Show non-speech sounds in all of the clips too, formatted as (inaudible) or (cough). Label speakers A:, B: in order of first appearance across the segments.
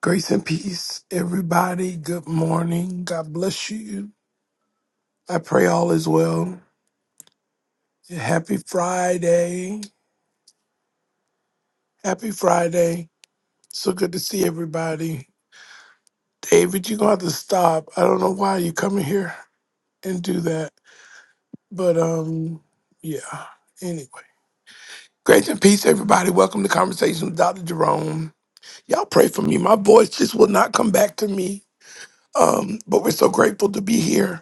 A: Grace and peace, everybody. Good morning. God bless you. I pray all is well. Happy Friday. Happy Friday. So good to see everybody. David, you're gonna have to stop. I don't know why you come in here and do that. But um, yeah. Anyway. Grace and peace, everybody. Welcome to Conversations with Dr. Jerome. Y'all pray for me. My voice just will not come back to me. Um, but we're so grateful to be here.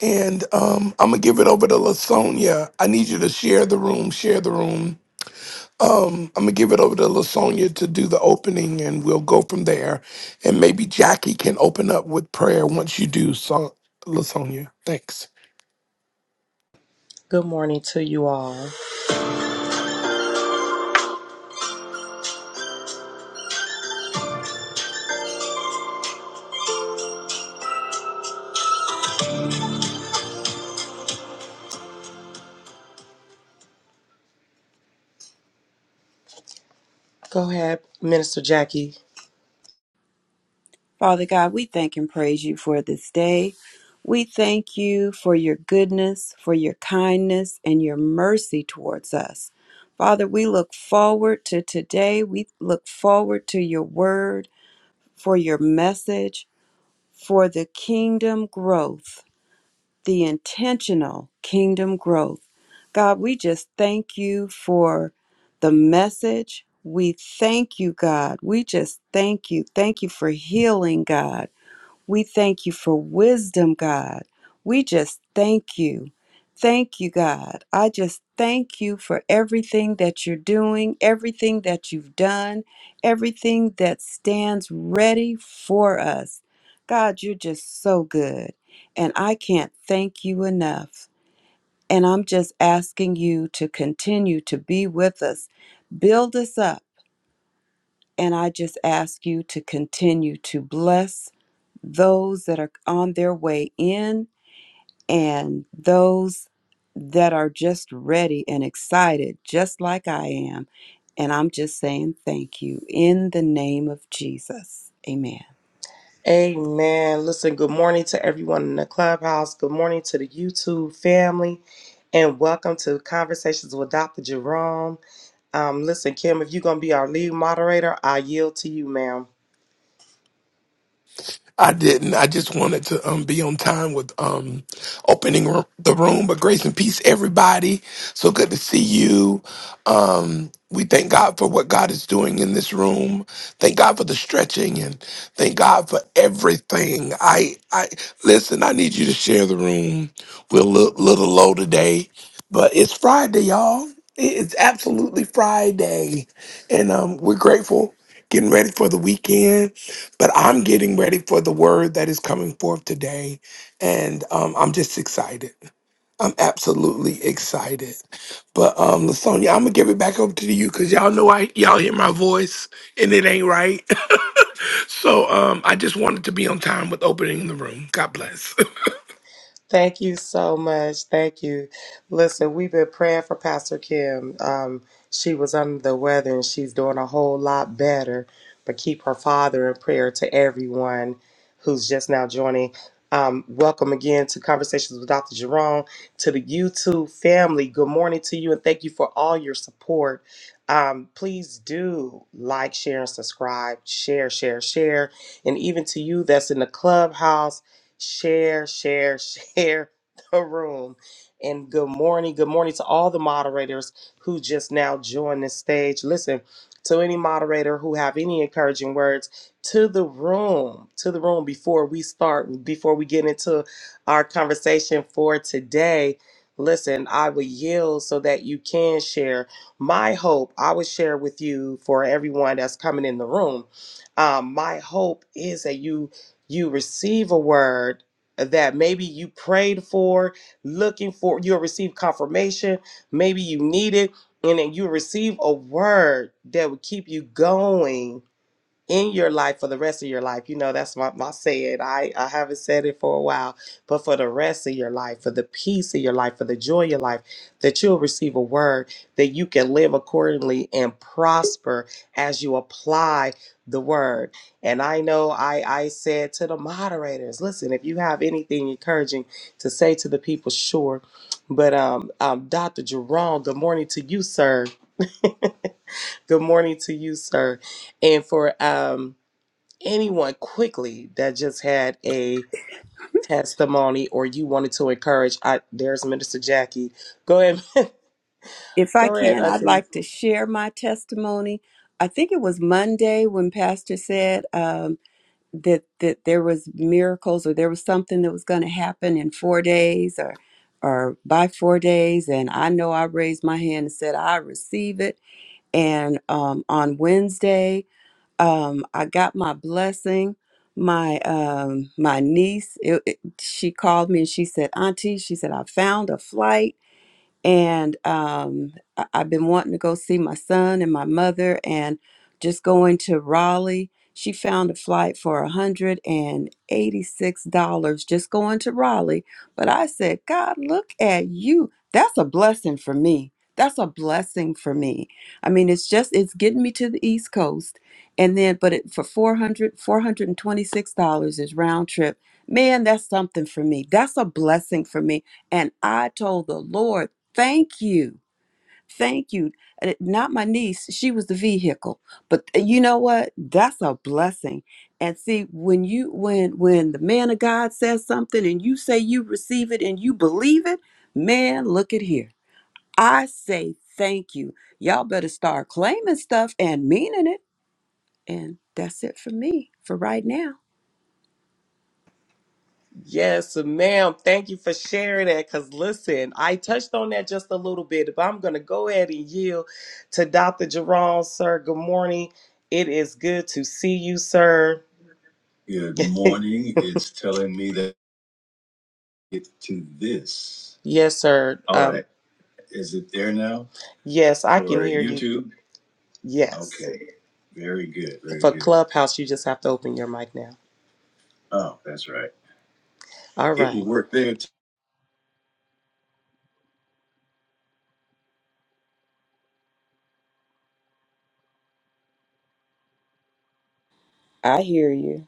A: And um, I'm gonna give it over to Lasonia. I need you to share the room. Share the room. Um, I'm gonna give it over to Lasonia to do the opening, and we'll go from there. And maybe Jackie can open up with prayer once you do, so- Lasonia. Thanks.
B: Good morning to you all. Go ahead, Minister Jackie.
C: Father God, we thank and praise you for this day. We thank you for your goodness, for your kindness, and your mercy towards us. Father, we look forward to today. We look forward to your word, for your message, for the kingdom growth, the intentional kingdom growth. God, we just thank you for the message. We thank you, God. We just thank you. Thank you for healing, God. We thank you for wisdom, God. We just thank you. Thank you, God. I just thank you for everything that you're doing, everything that you've done, everything that stands ready for us. God, you're just so good. And I can't thank you enough. And I'm just asking you to continue to be with us, build us up. And I just ask you to continue to bless those that are on their way in and those that are just ready and excited, just like I am. And I'm just saying thank you in the name of Jesus. Amen.
B: Amen. Listen, good morning to everyone in the clubhouse. Good morning to the YouTube family. And welcome to Conversations with Dr. Jerome. Um, listen, Kim, if you're going to be our lead moderator, I yield to you, ma'am.
A: I didn't. I just wanted to um, be on time with um, opening r- the room. But grace and peace, everybody. So good to see you. Um, we thank God for what God is doing in this room. Thank God for the stretching and thank God for everything. I, I listen. I need you to share the room. We're a little, little low today, but it's Friday, y'all. It- It's absolutely Friday, and um, we're grateful. Getting ready for the weekend but I'm getting ready for the word that is coming forth today. And um, I'm just excited. I'm absolutely excited. But um, Lasonia, I'm gonna give it back over to you because y'all know I y'all hear my voice and it ain't right. (laughs) So um, I just wanted to be on time with opening the room. God bless.
B: Thank you so much. Thank you. Listen, we've been praying for Pastor Kim. Um, she was under the weather and she's doing a whole lot better. But keep her father in prayer to everyone who's just now joining. Um, welcome again to Conversations with Dr. Jerome, to the YouTube family. Good morning to you and thank you for all your support. Um, please do like, share, and subscribe. Share, share, share. And even to you that's in the clubhouse share, share, (laughs) share the room. And good morning. Good morning to all the moderators who just now joined the stage. Listen, to any moderator who have any encouraging words to the room, to the room before we start, before we get into our conversation for today. Listen, I will yield so that you can share. My hope, I will share with you for everyone that's coming in the room. Um, my hope is that you you receive a word that maybe you prayed for, looking for, you'll receive confirmation, maybe you need it, and then you receive a word that will keep you going in your life for the rest of your life. You know, that's my, my saying. I, I haven't said it for a while, but for the rest of your life, for the peace of your life, for the joy of your life, that you'll receive a word that you can live accordingly and prosper as you apply the word. And I know I, I said to the moderators, listen, if you have anything encouraging to say to the people, sure. But um, um, Dr. Jerome, good morning to you, sir. (laughs) Good morning to you, sir. And for um anyone quickly that just had a testimony or you wanted to encourage, I there's Minister Jackie. Go ahead,
C: If
B: (laughs)
C: I
B: go ahead,
C: can, I'd
B: Auntie.
C: like to share my testimony. I think it was Monday when Pastor said um, that that there was miracles or there was something that was going to happen in four days or or by four days. And I know I raised my hand and said I receive it and um, on Wednesday, um, I got my blessing. My um, my niece, it, it- she called me and she said, "Auntie," she said, "I found a flight." and um, I- I've been wanting to go see my son and my mother, and just going to Raleigh. She found a flight for $186 just going to Raleigh. But I said, God, look at you. That's a blessing for me. That's a blessing for me. I mean, it's just, it's getting me to the East Coast. And then, but it, for four hundred four hundred and twenty-six dollars is round trip. Man, that's something for me. That's a blessing for me. And I told the Lord, thank you. Thank you. Uh, Not my niece, she was the vehicle. But eh, you know what? That's a blessing. And see, when you when when the man of God says something and you say you receive it and you believe it, man, look at here. I say thank you. Y'all better start claiming stuff and meaning it. And that's it for me for right now.
B: Yes, ma'am. Thank you for sharing that. Cause listen, I touched on that just a little bit, but I'm gonna go ahead and yield to Dr. Jerome, sir. Good morning. It is good to see you, sir. Good morning. (laughs) It's telling me that it's to this. Yes, sir. Oh, Um, that- is it there now? yes, I can Or hear you. YouTube? Yes. Okay. Very good. Very For good. Clubhouse, you just have to open your mic now. Oh, that's right. All It right. will right. work there too.
C: I hear you.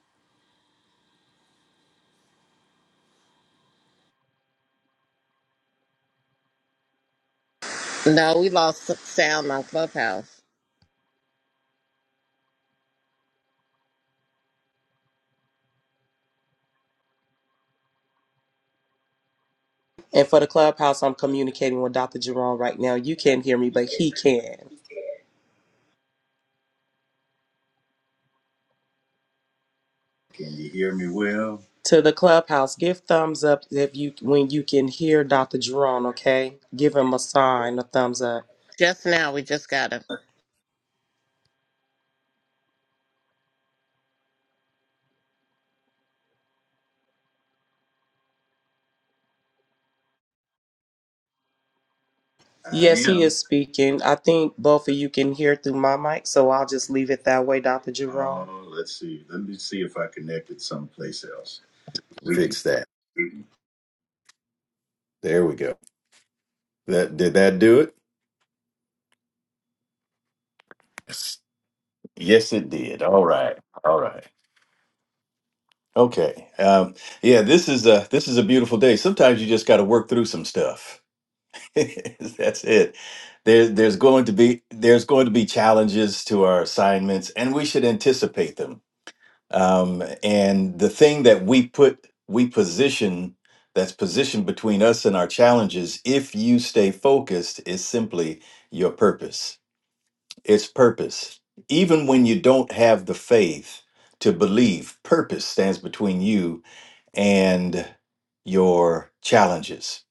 D: No, we lost sound on Clubhouse.
B: And for the Clubhouse, I'm communicating with Dr. Jerome right now. You can't hear me, but he can. Can you hear me well? To the Clubhouse, give thumbs up if you when you can hear Dr. Jerome, okay? Give him a sign, a thumbs up.
D: Just now, we just got him.
B: I Yes, he am. is speaking. I think both of you can hear through my mic, so I'll just leave it that way, Dr. Jerome. Oh, let's see. Let me see if I connected someplace else. We
E: Fix that. There we go. That did that do it? Yes, it did. All right. All right. Okay. Um, yeah, this is a this is a beautiful day. Sometimes you just got to work through some stuff. (laughs) That's it. There. there's going to be there's going to be challenges to our assignments, and we should anticipate them. Um, and the thing that we put we position that's positioned between us and our challenges, if you stay focused, is simply your purpose It's purpose. Even when you don't have the faith to believe, purpose stands between you and your challenges.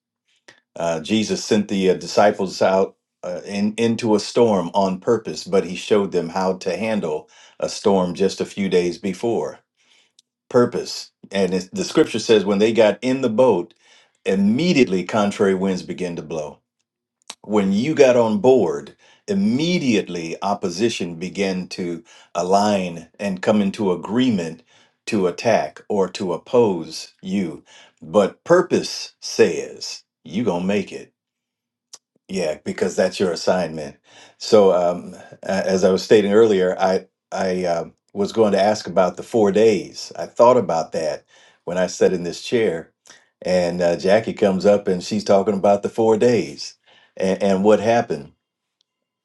E: Uh, Jesus sent the uh, disciples out uh, in, into a storm on purpose, but he showed them how to handle a storm just a few days before. Purpose. And it's, the scripture says when they got in the boat, immediately contrary winds began to blow when you got on board, immediately opposition began to align and come into agreement to attack or to oppose you. But purpose says, you going to make it yeah, because that's your assignment. So, um, a- as I was stating earlier, I I um was going to ask about the four days. I thought about that when I sat in this chair, and uh, Jackie comes up and she's talking about the four days and, and what happened.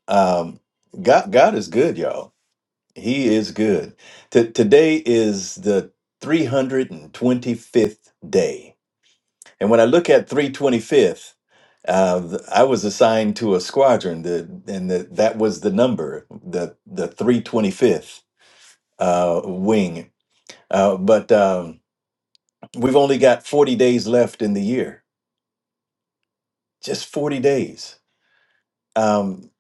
E: Um, God, God is good, y'all. He is good. T today is the 325th day, and when I look at 325th. Uh, I was assigned to a squadron, the, and the, that was the number, the the 325th uh, wing. Uh, but um, we've only got 40 days left in the year, just 40 days. Um,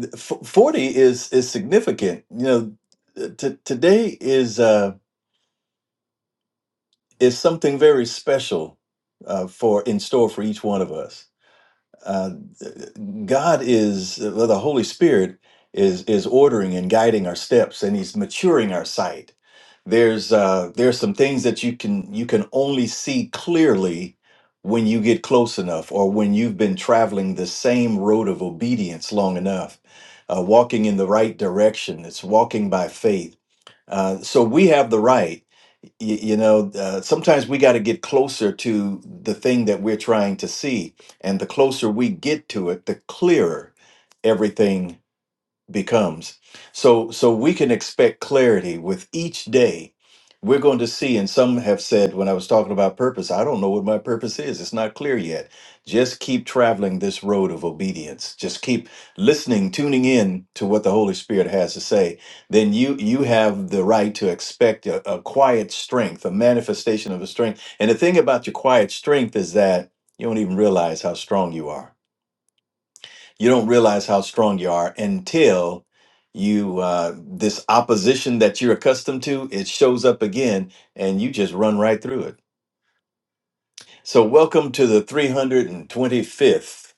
E: th- f- 40 is is significant. You know, uh, t- today is uh, is something very special uh, for in store for each one of us uh, God is well, the Holy Spirit is is ordering and guiding our steps, and He's maturing our sight. There's uh, there's some things that you can you can only see clearly when you get close enough, or when you've been traveling the same road of obedience long enough, uh, walking in the right direction. It's walking by faith. Uh, so we have the right you, you know, uh, sometimes we got to get closer to the thing that we're trying to see. And the closer we get to it, the clearer everything becomes. So so we can expect clarity with each day. We're going to see, and some have said when I was talking about purpose, I don't know what my purpose is. It's not clear yet. Just keep traveling this road of obedience. Just keep listening, tuning in to what the Holy Spirit has to say. Then you you have the right to expect a, a quiet strength, a manifestation of a strength. And the thing about your quiet strength is that you don't even realize how strong you are you don't realize how strong you are until you uh, this opposition that you're accustomed to it shows up again and you just run right through it so welcome to the 325th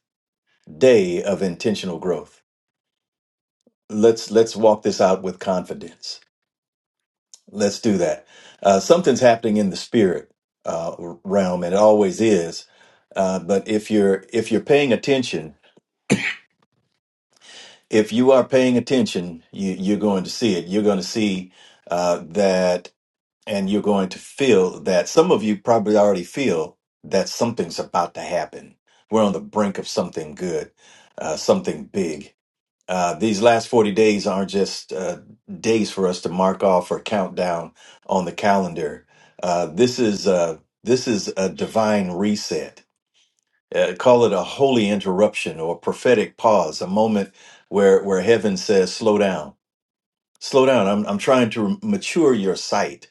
E: day of intentional growth let's let's walk this out with confidence let's do that uh, something's happening in the spirit uh, realm and it always is uh, but if you're if you're paying attention if you are paying attention, you, you're going to see it. You're going to see uh, that, and you're going to feel that. Some of you probably already feel that something's about to happen. We're on the brink of something good, uh, something big. Uh, these last 40 days aren't just uh, days for us to mark off or count down on the calendar. Uh, this is uh, this is a divine reset uh, call it a holy interruption or a prophetic pause, a moment where where heaven says, "Slow down, slow down. I'm I'm trying to mature your sight.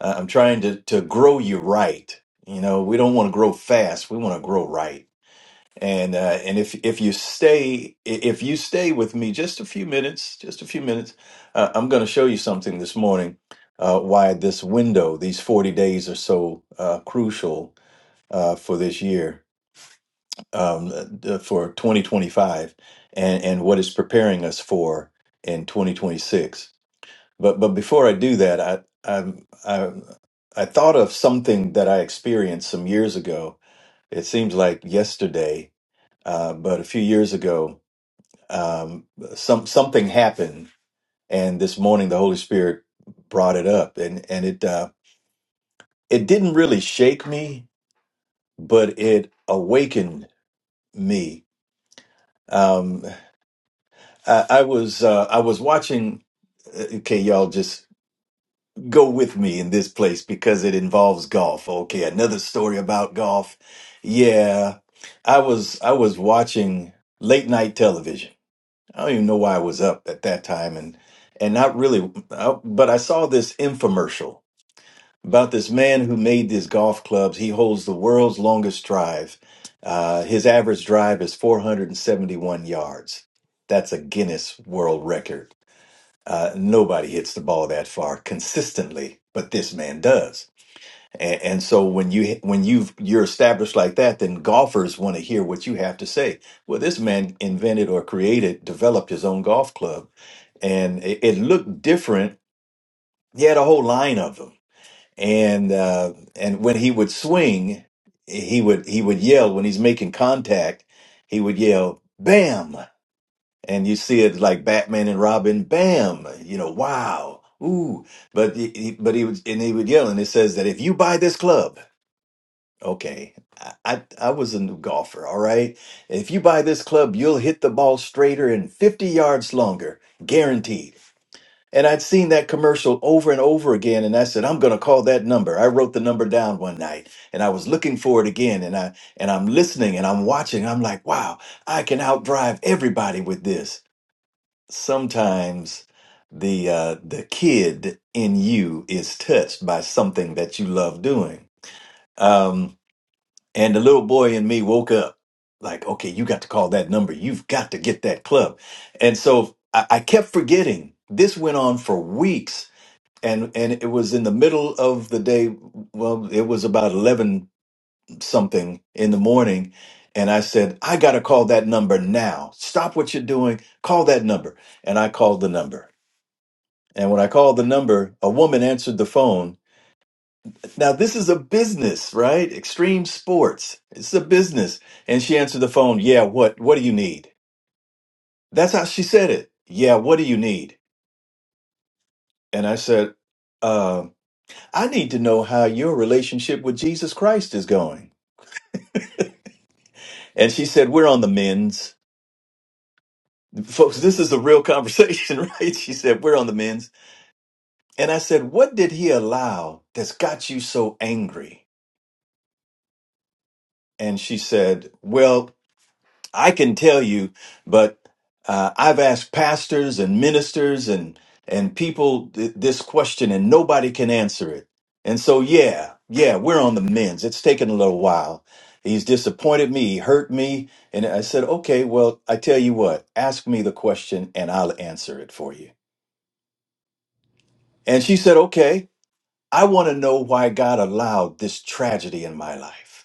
E: Uh, I'm trying to to grow you right. You know, we don't want to grow fast. We want to grow right. And uh, and if if you stay i- if you stay with me just a few minutes, just a few minutes, uh, I'm going to show you something this morning. Uh, why this window, these 40 days, are so uh, crucial uh, for this year um, uh, for 2025 and, and what it's preparing us for in 2026. But but before I do that, I I I, I thought of something that I experienced some years ago. It seems like yesterday, uh, but a few years ago, um, some something happened, and this morning the Holy Spirit brought it up, and and it uh, it didn't really shake me, but it awakened me. Um, I, I was uh, I was watching. uh, Okay, y'all, just go with me in this place because it involves golf. Okay, another story about golf. Yeah, I was I was watching late night television. I don't even know why I was up at that time, and and not really, I, but I saw this infomercial about this man who made these golf clubs. He holds the world's longest drive. Uh, his average drive is 471 yards. That's a Guinness World Record uh, nobody hits the ball that far consistently, but this man does. And, and so when you when you you're established like that, then golfers want to hear what you have to say. Well, this man invented or created, developed his own golf club, and it, it looked different. He had a whole line of them, and uh, and when he would swing, he would he would yell when he's making contact. He would yell, "Bam!" and you see it like Batman and Robin, bam, you know, wow, ooh. But he, he- but he was and he would yell, and it says that if you buy this club, okay, I, I I was a new golfer, all right. If you buy this club, you'll hit the ball straighter and fifty yards longer, guaranteed. And I'd seen that commercial over and over again, and I said, I'm gonna call that number. I wrote the number down one night, and I was looking for it again, and I and I'm listening and I'm watching. I'm like, wow, I can outdrive everybody with this sometimes the uh, the kid in you is touched by something that you love doing. Um, and the little boy in me woke up like, okay, you got to call that number. You've got to get that club. And so I, I kept forgetting. This went on for weeks. And, and it was in the middle of the day. Well, it was about 11 something in the morning. And I said, I got to call that number now. Stop what you're doing. Call that number. And I called the number and when I called the number, a woman answered the phone. Now, this is a business, right? Extreme sports. It's a business. And she answered the phone, Yeah, what? What do you need? That's how she said it. Yeah, what do you need? And I said, uh, I need to know how your relationship with Jesus Christ is going. And she said, We're on the men's. Folks, this is a real conversation, (laughs) right? She said, We're on the men's. And I said, What did he allow that's got you so angry? And she said, Well, I can tell you, but uh, I've asked pastors and ministers and and people th- this question, and nobody can answer it. And so, yeah, yeah, we're on the mends. It's taken a little while. He's disappointed me. He hurt me, and I said, okay, well, I tell you what, ask me the question, and I'll answer it for you. And she said, okay, I want to know why God allowed this tragedy in my life.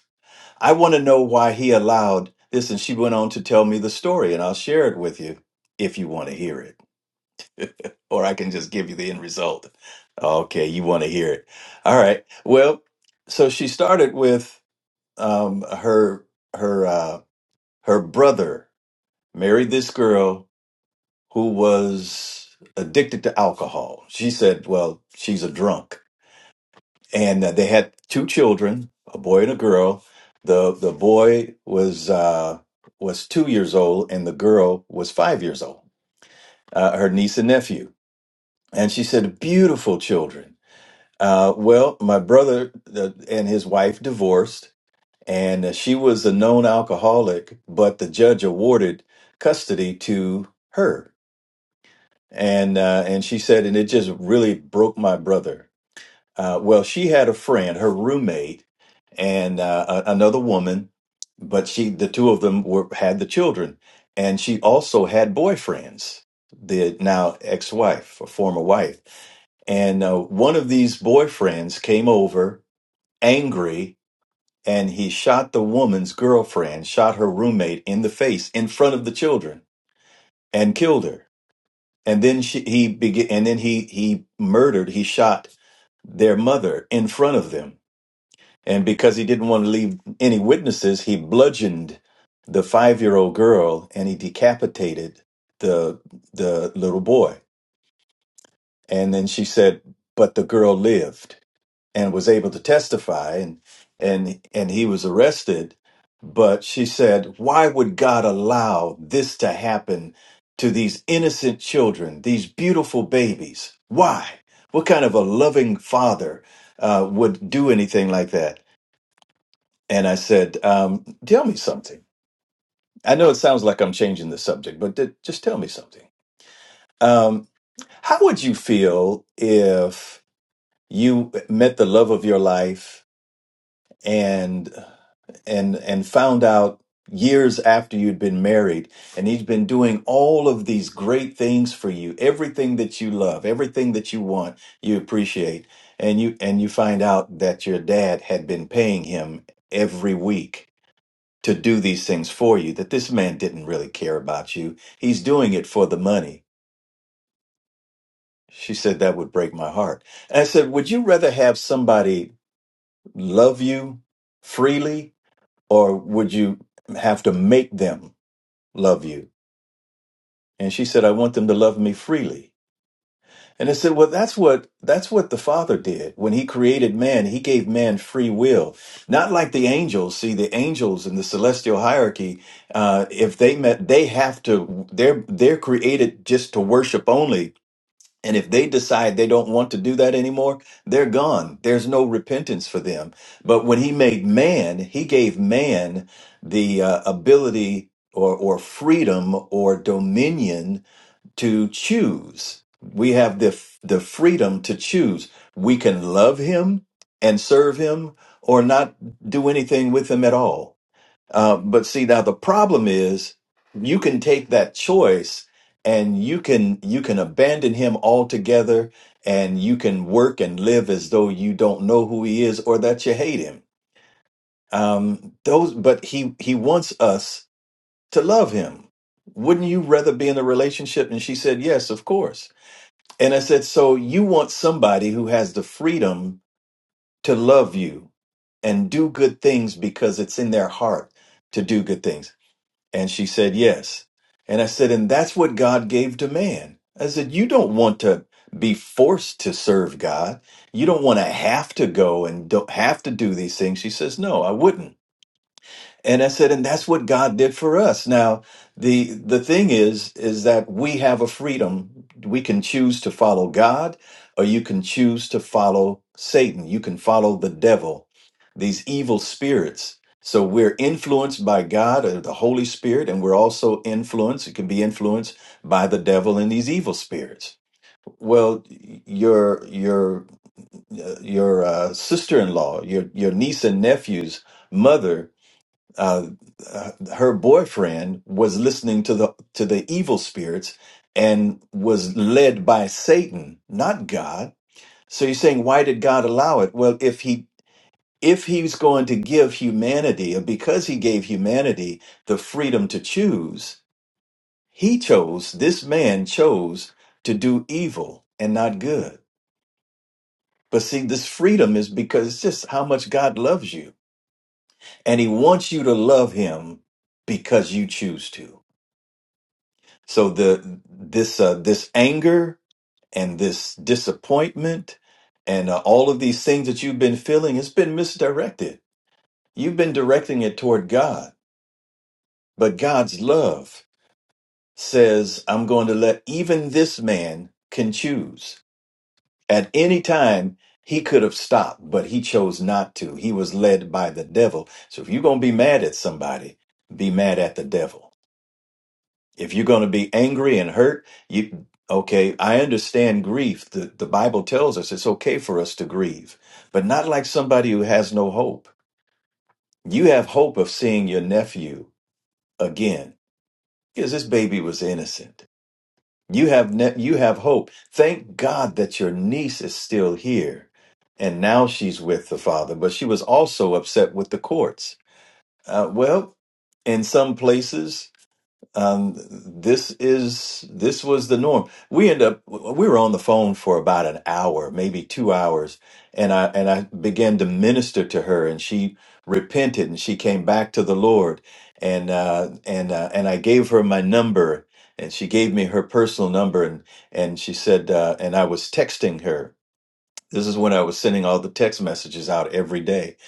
E: I want to know why he allowed this. And she went on to tell me the story, and I'll share it with you if you want to hear it, or I can just give you the end result. Okay, you want to hear it. All right. Well, so she started with um, her her uh, her brother married this girl who was addicted to alcohol. She said, "Well, she's a drunk." and uh, they had two children, a boy and a girl. the The boy was uh, was two years old, and the girl was five years old. Uh, her niece and nephew, and she said, "Beautiful children." Uh, well, my brother uh, and his wife divorced, and uh, she was a known alcoholic, but the judge awarded custody to her, and uh, and she said, and it just really broke my brother Uh, well, she had a friend, her roommate, and uh, a- another woman, but she, the two of them were had the children, and she also had boyfriends. The now ex-wife, a former wife, and uh, one of these boyfriends came over angry, and he shot the woman's girlfriend, shot her roommate in the face in front of the children, and killed her. And then she, he began, and then he he murdered, he shot their mother in front of them And because he didn't want to leave any witnesses, he bludgeoned the five year old girl and he decapitated the the little boy. And then she said, But the girl lived and was able to testify and and and he was arrested. But she said, Why would God allow this to happen to these innocent children, these beautiful babies? Why? What kind of a loving father uh, would do anything like that? And I said, um, Tell me something. I know it sounds like I'm changing the subject, but d- just tell me something. Um, how would you feel if you met the love of your life and and and found out years after you'd been married and he's been doing all of these great things for you everything that you love everything that you want you appreciate and you and you find out that your dad had been paying him every week to do these things for you that this man didn't really care about you. He's doing it for the money. She said, That would break my heart. And I said, Would you rather have somebody love you freely or would you have to make them love you? And she said, I want them to love me freely. And I said, well, that's what that's what the Father did when He created man. He gave man free will, not like the angels. See, the angels in the celestial hierarchy, uh, if they met, they have to. They're they're created just to worship only. And if they decide they don't want to do that anymore, they're gone. There's no repentance for them. But when He made man, He gave man the uh, ability or or freedom or dominion to choose. We have the f- the freedom to choose. We can love him and serve him, or not do anything with him at all. Uh, but see, now the problem is, you can take that choice, and you can you can abandon him altogether, and you can work and live as though you don't know who he is or that you hate him. Um, those, but he he wants us to love him. Wouldn't you rather be in a relationship? And she said, yes, of course and I said, So you want somebody who has the freedom to love you and do good things because it's in their heart to do good things? And she said, Yes. And I said, And that's what God gave to man. I said, You don't want to be forced to serve God. You don't want to have to go and don't have to do these things. She says, No, I wouldn't. And I said, and that's what God did for us. Now, the the thing is, is that we have a freedom. We can choose to follow God, or you can choose to follow Satan. You can follow the devil, these evil spirits. So we're influenced by God or the Holy Spirit, and we're also influenced. It can be influenced by the devil and these evil spirits. Well, your your uh, your uh, sister-in-law, your your niece and nephew's mother uh, uh, her boyfriend was listening to the to the evil spirits and was led by Satan, not God. So you're saying why did God allow it? Well, if he if he's going to give humanity, or because he gave humanity the freedom to choose, he chose, this man chose to do evil and not good. But see, this freedom is because it's just how much God loves you. And he wants you to love him because you choose to. So the this uh, this anger and this disappointment and uh, all of these things that you've been feeling, it's been misdirected. You've been directing it toward God, but God's love says, "I'm going to let even this man can choose." At any time, he could have stopped, but he chose not to. He was led by the devil. So if you're going to be mad at somebody, be mad at the devil If you're going to be angry and hurt, you okay, I understand grief. The the Bible tells us it's okay for us to grieve, but not like somebody who has no hope. You have hope of seeing your nephew again because this baby was innocent. You have ne- you have hope. Thank God that your niece is still here. And now she's with the father, but she was also upset with the courts. Uh, well, in some places um, this is this was the norm. We end up we were on the phone for about an hour, maybe two hours, and I and I began to minister to her, and she repented and she came back to the Lord, and uh, and uh, and I gave her my number, and she gave me her personal number, and and she said, uh, and I was texting her. This is when I was sending all the text messages out every day,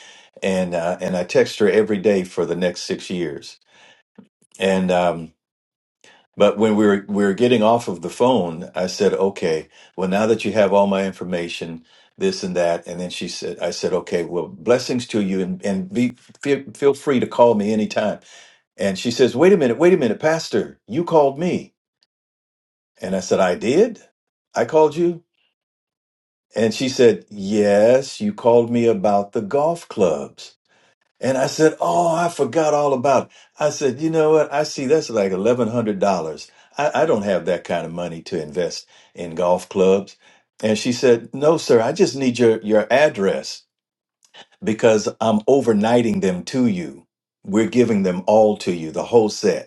E: and uh, and I text her every day for the next six years, and. Um, but when we were we were getting off of the phone, I said, "Okay, well now that you have all my information, this and that," and then she said, "I said, okay, well blessings to you, and and be feel, feel free to call me anytime." And she says, "Wait a minute, wait a minute, Pastor, you called me," and I said, "I did, I called you," and she said, "Yes, you called me about the golf clubs." And I said, Oh, I forgot all about it. I said, You know what? I see that's like $1,100. I, I don't have that kind of money to invest in golf clubs. And she said, No, sir, I just need your, your address because I'm overnighting them to you. We're giving them all to you, the whole set.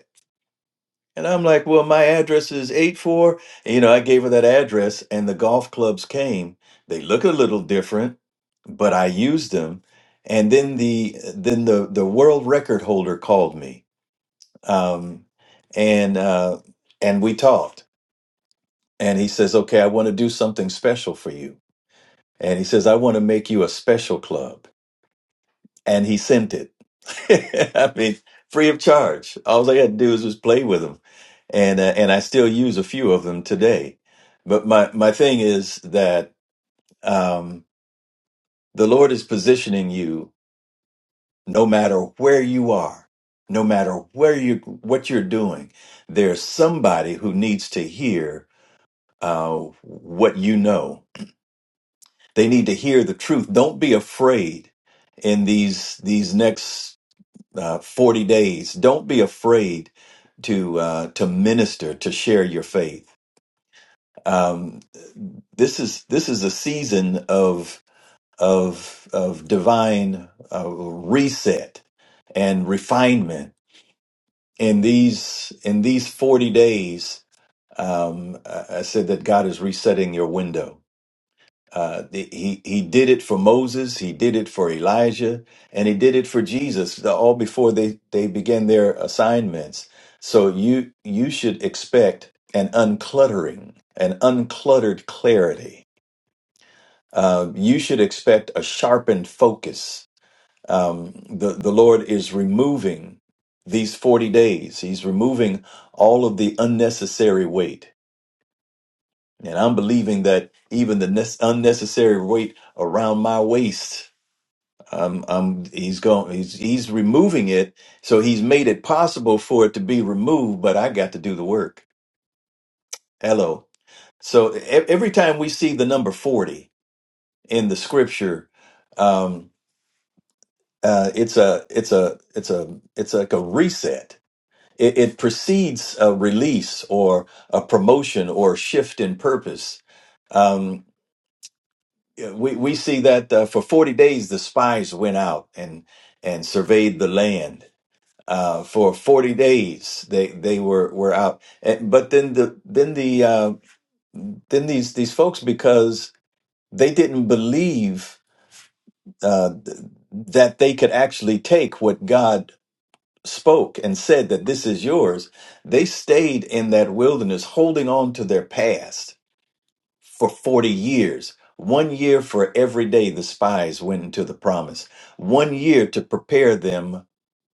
E: And I'm like, well, my address is eight four. you know, I gave her that address, and the golf clubs came. They look a little different, but I used them. And then the then the the world record holder called me, um, and uh, and we talked. And he says, okay, I want to do something special for you. And he says, I want to make you a special club. And he sent it. (laughs) I mean, free of charge. All I had to do was just play with him and uh, and I still use a few of them today. But my my thing is that um, the Lord is positioning you, no matter where you are, no matter where you what you're doing. There's somebody who needs to hear uh, what you know. They need to hear the truth. Don't be afraid in these these next uh, 40 days. Don't be afraid to uh, to minister to share your faith um, this is this is a season of of of divine uh, reset and refinement in these in these 40 days um, I I said that God is resetting your window uh, the- he he did it for Moses he did it for Elijah and he did it for Jesus all before they they began their assignments so you you should expect an uncluttering an uncluttered clarity uh, you should expect a sharpened focus. Um, the, the Lord is removing these 40 days, He's removing all of the unnecessary weight. And I'm believing that even the nes- unnecessary weight around my waist, um, um, he's going, he's, he's removing it. So he's made it possible for it to be removed, but I got to do the work. Hello. So e- every time we see the number 40 in the scripture, um, uh, it's a it's a it's a it's like a reset. It, it precedes a release or a promotion or a shift in purpose. Um, yeah, we we see that uh, for forty days the spies went out and and surveyed the land. Uh, for forty days they they were were out, And- but then the then the uh, then these these folks because they didn't believe uh, th- that they could actually take what God spoke and said that this is yours, they stayed in that wilderness holding on to their past for 40 years. One year for every day the spies went into the promise. One year to prepare them.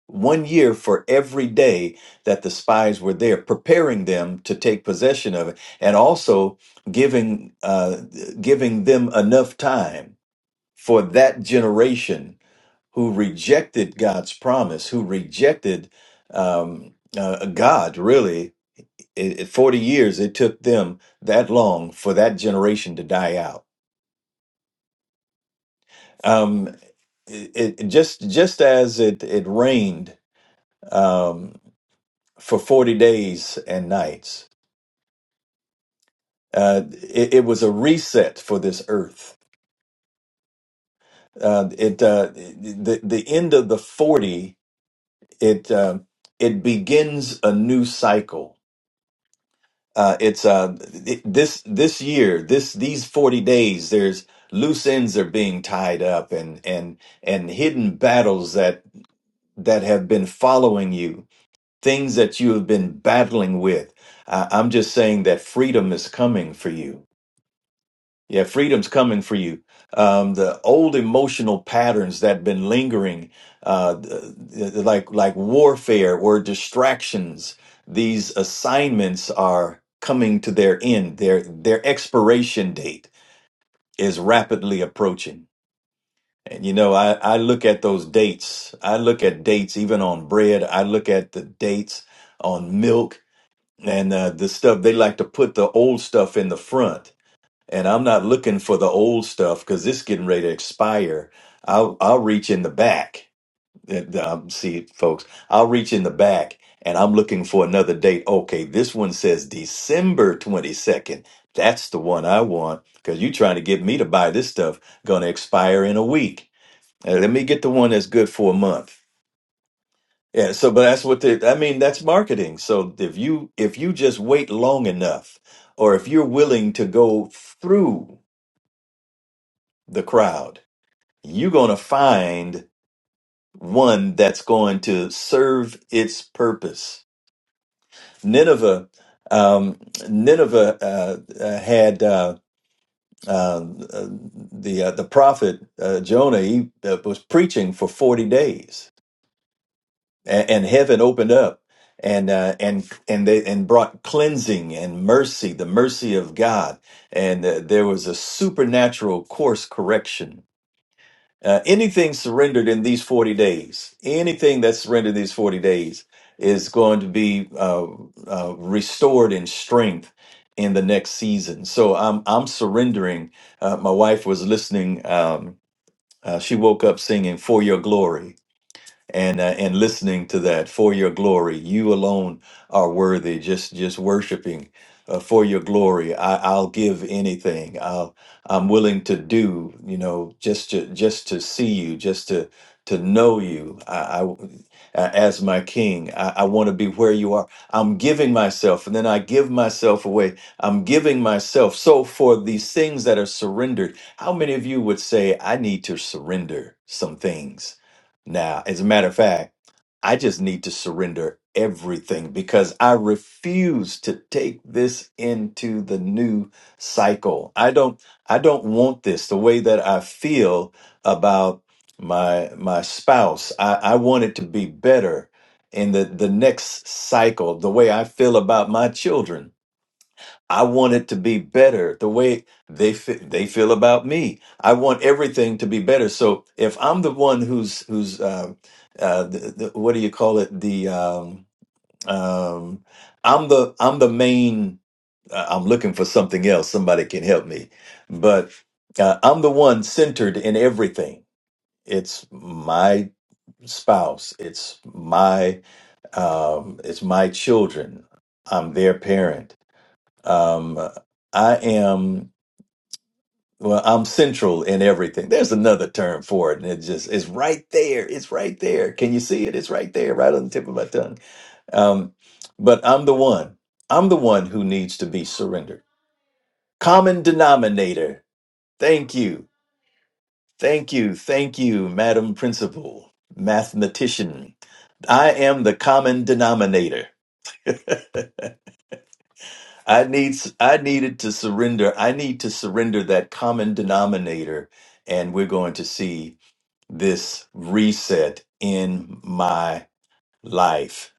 E: One year for every day that the spies were there, preparing them to take possession of it, and also giving uh, giving them enough time for that generation who rejected God's promise, who rejected um, uh, God, really. It, it- 40 years, it took them that long for that generation to die out. Um, it, it- just, just as it, it rained um, for 40 days and nights, uh, it, it was a reset for this earth. Uh, it uh, the the end of the 40 it uh, it begins a new cycle uh, it's uh, it, this this year this these 40 days there's loose ends are being tied up and and and hidden battles that that have been following you things that you have been battling with I i'm just saying that freedom is coming for you yeah, freedom's coming for you. Um, the old emotional patterns that been lingering, uh, th- th- like like warfare or distractions, these assignments are coming to their end. Their their expiration date is rapidly approaching. And you know, I, I look at those dates. I look at dates even on bread. I look at the dates on milk and uh, the stuff. They like to put the old stuff in the front and I'm not looking for the old stuff because this getting ready to expire. I'll I'll reach in the back. Uh, Um, see, folks, I'll reach in the back and I'm looking for another date. Okay, this one says December 22nd. That's the one I want because you're trying to get me to buy this stuff going to expire in a week. Uh, let me get the one that's good for a month. Yeah, so but that's what the I mean, that's marketing. So if you if you just wait long enough or if you're willing to go through the crowd you're going to find one that's going to serve its purpose. Nineveh, um, Nineveh uh, uh, had uh, um, uh, the uh, the prophet uh, Jonah. He uh, was preaching for forty days, and, and heaven opened up, and uh, and and they and brought cleansing and mercy, the mercy of God, and uh, there was a supernatural course correction Uh, anything surrendered in these 40 days, anything that's surrendered these 40 days is going to be uh, uh, restored in strength in the next season. So I'm, I'm surrendering. Uh, my wife was listening. Um, uh, she woke up singing For Your Glory and uh, and listening to that for your glory. You alone are worthy. Just just worshiping uh, for your glory. I, I'll give anything. I'll I'm willing to do. You know, just to just to see you, just to to know you. I, I uh, as my King. I, I want to be where you are. I'm giving myself, and then I give myself away. I'm giving myself. So for these things that are surrendered, how many of you would say I need to surrender some things? Now, as a matter of fact, I just need to surrender everything because I refuse to take this into the new cycle. I don't I don't want this the way that I feel about my my spouse. I, I want it to be better in the, the next cycle, the way I feel about my children I want it to be better the way they fe- they feel about me. I want everything to be better. So if I'm the one who's who's uh, uh, the, the, what do you call it? The um, um, I'm the I'm the main. Uh, I'm looking for something else. Somebody can help me, but uh, I'm the one centered in everything. It's my spouse. It's my um, it's my children. I'm their parent. Um, I am. Well, I'm central in everything. There's another term for it, and it just it's right there. It's right there. Can you see it? It's right there, right on the tip of my tongue. Um, but I'm the one. I'm the one who needs to be surrendered. Common denominator. Thank you. Thank you. Thank you, Madam Principal, mathematician. I am the common denominator. (laughs) I needs I needed to surrender. I need to surrender that common denominator, and we're going to see. this reset in my life.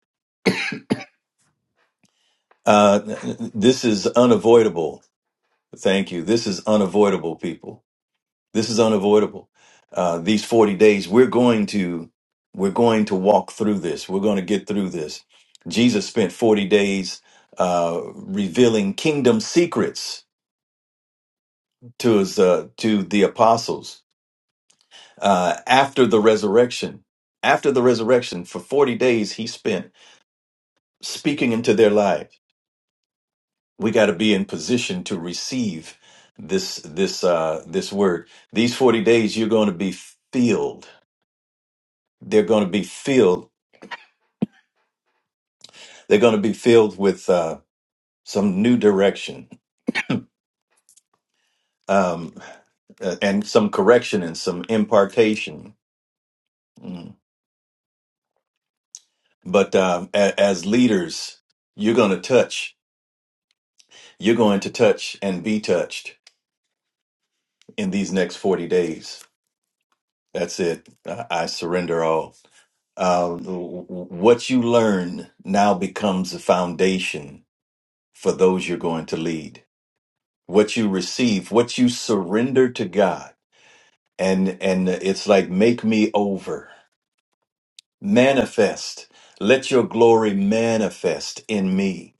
E: Uh, this is unavoidable. Thank you. This is unavoidable, people. This is unavoidable. Uh, these 40 days, we're going to, we're going to walk through this. We're going to get through this. Jesus spent 40 days, uh, revealing kingdom secrets to his, uh, to the apostles, uh, after the resurrection, after the resurrection for 40 days, he spent speaking into their lives we got to be in position to receive this this uh this word these 40 days you're going to be filled they're going to be filled they're going to be filled with uh some new direction um uh, and some correction and some impartation. Mm. But um, a- as leaders, you're going to touch. You're going to touch and be touched in these next 40 days. That's it. I, I surrender all. Uh, what you learn now becomes the foundation for those you're going to lead. What you receive, what you surrender to God, and and it's like make me over, manifest. Let your glory manifest in me.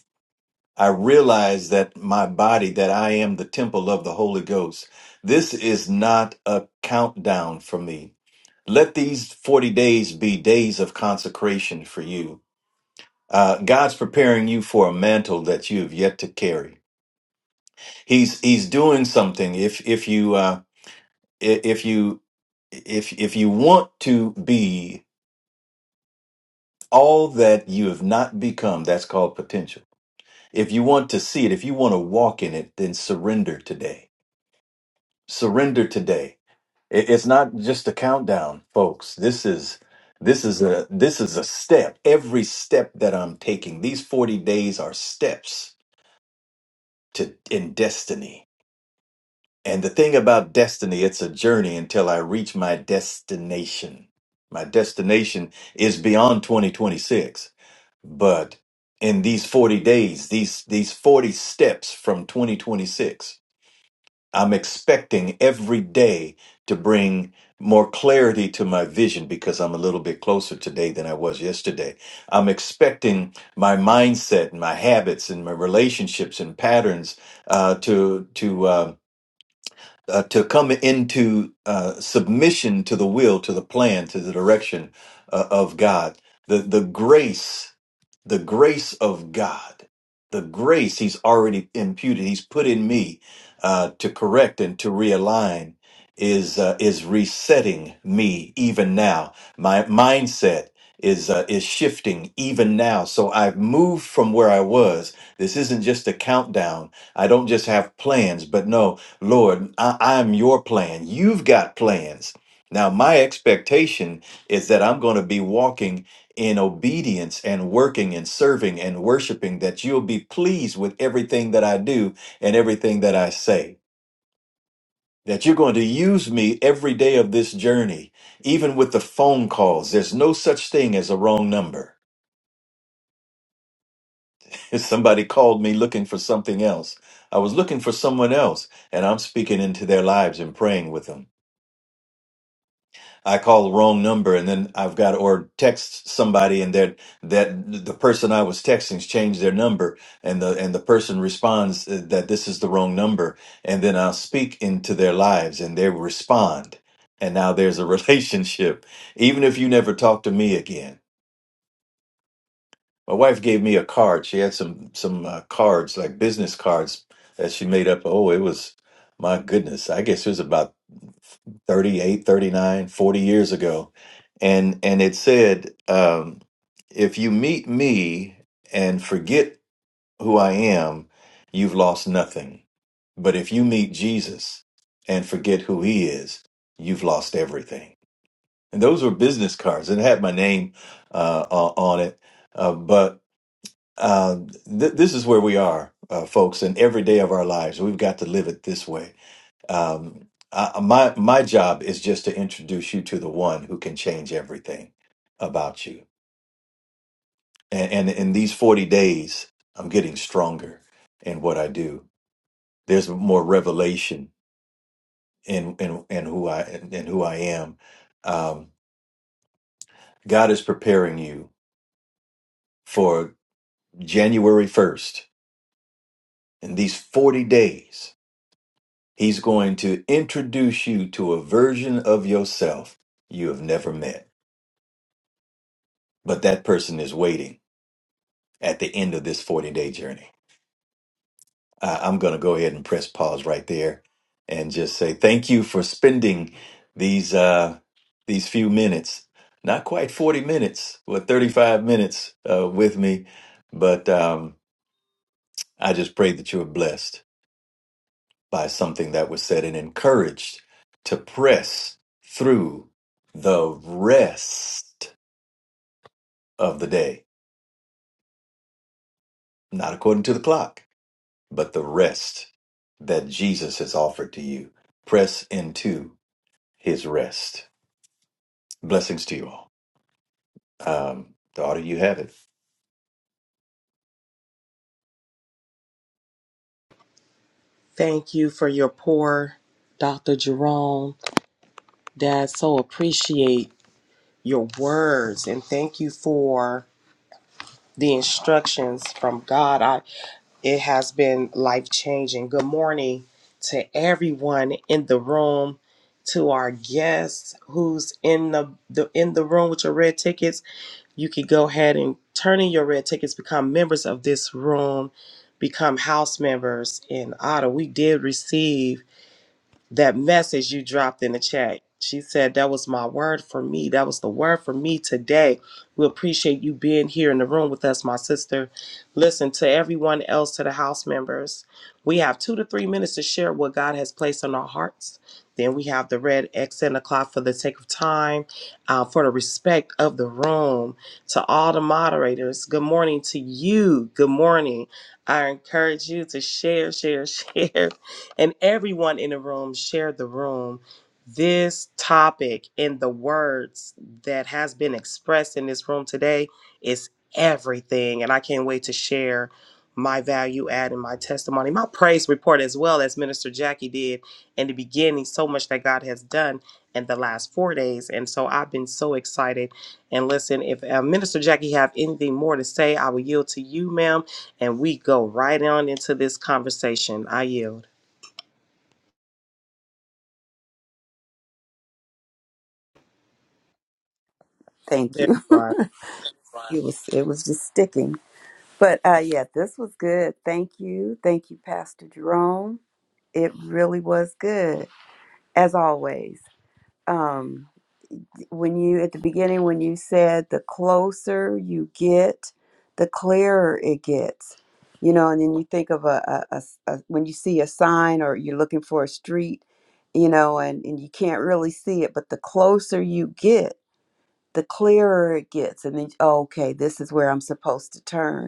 E: I realize that my body, that I am the temple of the Holy Ghost. This is not a countdown for me. Let these 40 days be days of consecration for you Uh, God's preparing you for a mantle that you have yet to carry. He's He's doing something. If if you uh, i- if you if if you want to be all that you have not become, that's called potential. If you want to see it, if you want to walk in it, then surrender today. Surrender today. It- It's not just a countdown, folks. This is this is a this is a step. Every step that I'm taking, these 40 days are steps to in destiny And the thing about destiny, it's a journey until I reach my destination. My destination is beyond 2026. But in these 40 days, these, these 40 steps from 2026, I'm expecting every day to bring more clarity to my vision because I'm a little bit closer today than I was yesterday. I'm expecting my mindset and my habits and my relationships and patterns uh, to to um, uh, to come into uh, submission to the will, to the plan, to the direction uh, of God. The the grace, the grace of God, the grace He's already imputed. He's put in me uh, to correct and to realign. Is uh, is resetting me even now. My mindset is uh, is shifting even now. So I've moved from where I was. This isn't just a countdown. I don't just have plans, but no, Lord, I, I'm your plan. You've got plans. Now, my expectation is that I'm going to be walking in obedience and working and serving and worshiping, that you'll be pleased with everything that I do and everything that I say. That you're going to use me every day of this journey, even with the phone calls. There's no such thing as a wrong number. (laughs) If somebody called me looking for something else, I was looking for someone else, and I'm speaking into their lives and praying with them. I call the wrong number and then I've got or text somebody and that that the person I was texting's changed their number and the and the person responds uh, that this is the wrong number and then I'll speak into their lives and they respond and now there's a (laughs) relationship even if you never talk to me again my wife gave me a card. She had some some uh, cards, like business cards, that she made up. Oh, it was my goodness. I guess it was about 38, 39, 40 years ago, and and it said, um, "If you meet me and forget who I am, you've lost nothing. But if you meet Jesus and forget who He is, you've lost everything." And those were business cards, and it had my name uh, o- on it. Uh, but uh, th- this is where we are, uh, folks, in every day of our lives. We've got to live it this way. Um, I, my my job is just to introduce you to the one who can change everything about you. And, and in these forty days, I'm getting stronger in what I do. There's more revelation in in, in who I in who I am. Um, God is preparing you for January first in these forty days He's going to introduce you to a version of yourself you have never met. But that person is waiting at the end of this 40 day journey. I- I'm going to go ahead and press pause right there and just say thank you for spending these, uh, these few minutes, not quite 40 minutes, but 35 minutes uh, with me. But um, I just pray that you're blessed by something that was said and encouraged to press through the rest of the day, not according to the clock, but the rest that Jesus has offered to you. Press into his rest. Blessings to you all. Um, daughter, you have it.
B: Thank you for your pour, Dr. Jerome. Dad, so appreciate your words and thank you for the instructions from God. I it has been life changing. Good morning to everyone in the room, to our guests who's in the, the in the room with your red tickets. You could go ahead and turn in your red tickets, become members of this room, become house members in Ottawa. We did receive. that message you dropped in the chat. She said, That was my word for me. That was the word for me today. We appreciate you being here in the room with us, my sister. Listen to everyone else, to the house members. We have two to three minutes to share what God has placed on our hearts. Then we have the red X and the clock for the sake of time, uh, for the respect of the room. To all the moderators, good morning to you. Good morning. I encourage you to share, share, (laughs) share and everyone in the room shared the room. This topic and the words that has been expressed in this room today is everything. And I can't wait to share my value add and my testimony, my praise report as well as Minister Jackie did in the beginning, so much that God has done in the last four days. And so I've been so excited. And listen, if uh, Minister Jackie have anything more to say, I will yield to you, ma'am, and we go right on into this conversation. I yield.
C: Thank
B: There
C: you.
B: you
C: (laughs)
B: are.
C: It was it was just sticking. But uh, yeah, this was good. Thank you. Thank you, Pastor Jerome. It really was good, as always. Um, when you, at the beginning, when you said the closer you get, the clearer it gets, you know, and then you think of a, a, a, a when you see a sign or you're looking for a street, you know, and, and you can't really see it, but the closer you get, the clearer it gets. And then, oh, okay, this is where I'm supposed to turn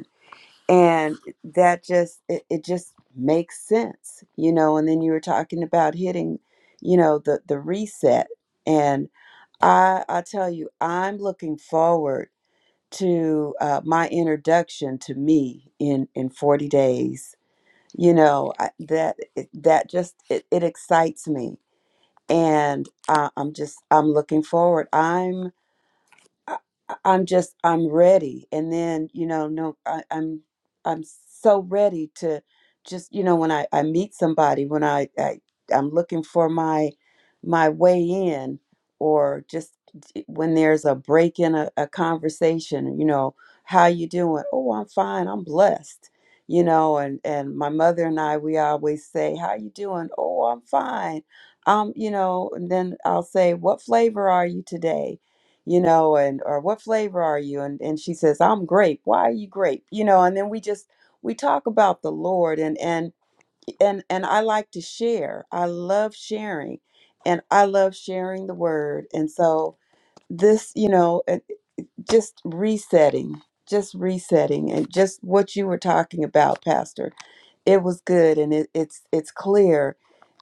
C: and that just it, it just makes sense you know and then you were talking about hitting you know the the reset and i i tell you i'm looking forward to uh, my introduction to me in in 40 days you know I, that it- that just it, it excites me and I, i'm just i'm looking forward I'm. I, I- am just I'm ready. And then you know, no, I, I'm I'm so ready to just you know when I I meet somebody when I, I I'm looking for my my way in or just when there's a break in a, a conversation you know how you doing oh i'm fine i'm blessed you know and and my mother and i we always say how you doing oh i'm fine um you know and then i'll say what flavor are you today you know, and or what flavor are you? And and she says, I'm grape. Why are you grape? You know, and then we just we talk about the Lord and and and and I like to share. I love sharing and I love sharing the word. And so this, you know, it- just resetting, just resetting and just what you were talking about, Pastor. It was good and it, it's it's clear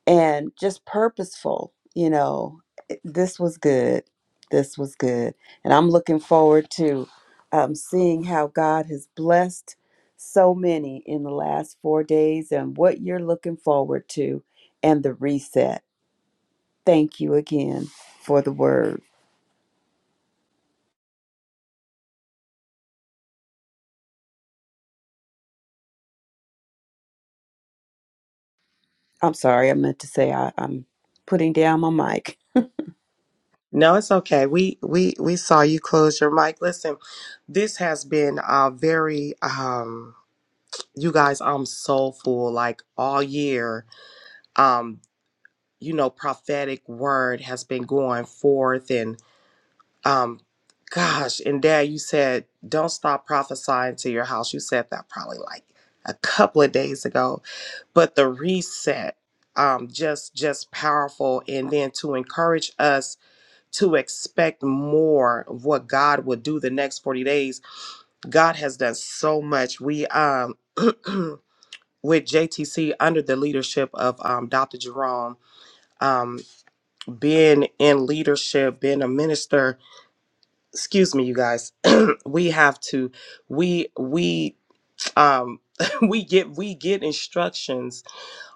C: and just purposeful you know It- this was good this was good and i'm looking forward to um, seeing how god has blessed so many in the last four days and what you're looking forward to and the reset thank you again for the word i'm sorry i meant to say I, i'm putting down my mic
B: No, it's okay. We we we saw you close your mic. Listen, this has been uh very um you guys I'm soulful like all year. Um you know prophetic word has been going forth and um gosh, and dad you said don't stop prophesying to your house. You said that probably like a couple of days ago but the reset um just just powerful and then to encourage us to expect more of what God will do the next 40 days. God has done so much. We um (clears throat) with JTC under the leadership of um, Dr. Jerome, um, being in leadership, being a minister, excuse me, you guys, (clears throat) we have to, we, we, um, (laughs) we get, we get instructions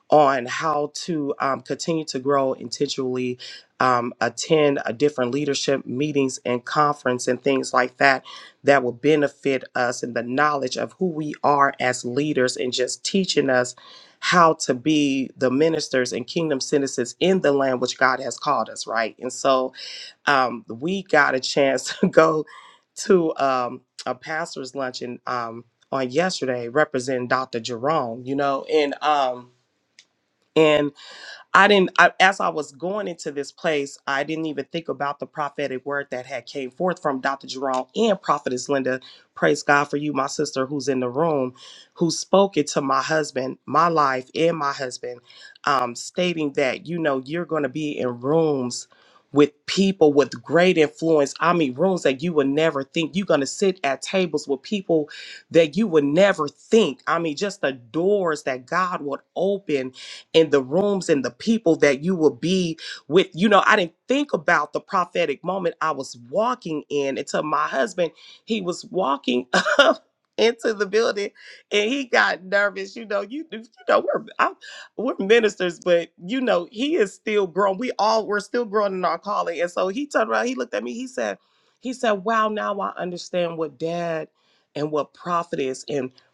B: on how to um, continue to grow intentionally um, attend uh, different leadership meetings and conference and things like that that will benefit us in the knowledge of who we are as leaders and just teaching us how to be the ministers and kingdom citizens in the land which god has called us right and so um, we got a chance (laughs) to go to um, a pastor's luncheon um, on yesterday representing dr jerome you know and um, I didn't I, as I was going into this place, I didn't even think about the prophetic word that had came forth from Dr. Jerome and Prophetess Linda. Praise God for you, my sister who's in the room, who spoke it to my husband, my life, and my husband, um, stating that, you know, you're gonna be in rooms with people with great influence. I mean, rooms that you would never think. You're gonna sit at tables with people that you would never think. I mean, just the doors that God would open and the rooms and the people that you will be with. You know, I didn't think about the prophetic moment I was walking in until my husband, he was walking (laughs) up into the building and he got nervous. You know, you you know, we're I'm, we're ministers, but you know, he is still growing. We all we're still growing in our calling. And so he turned around, he looked at me, he said, he said, Wow, now I understand what dad and what prophet is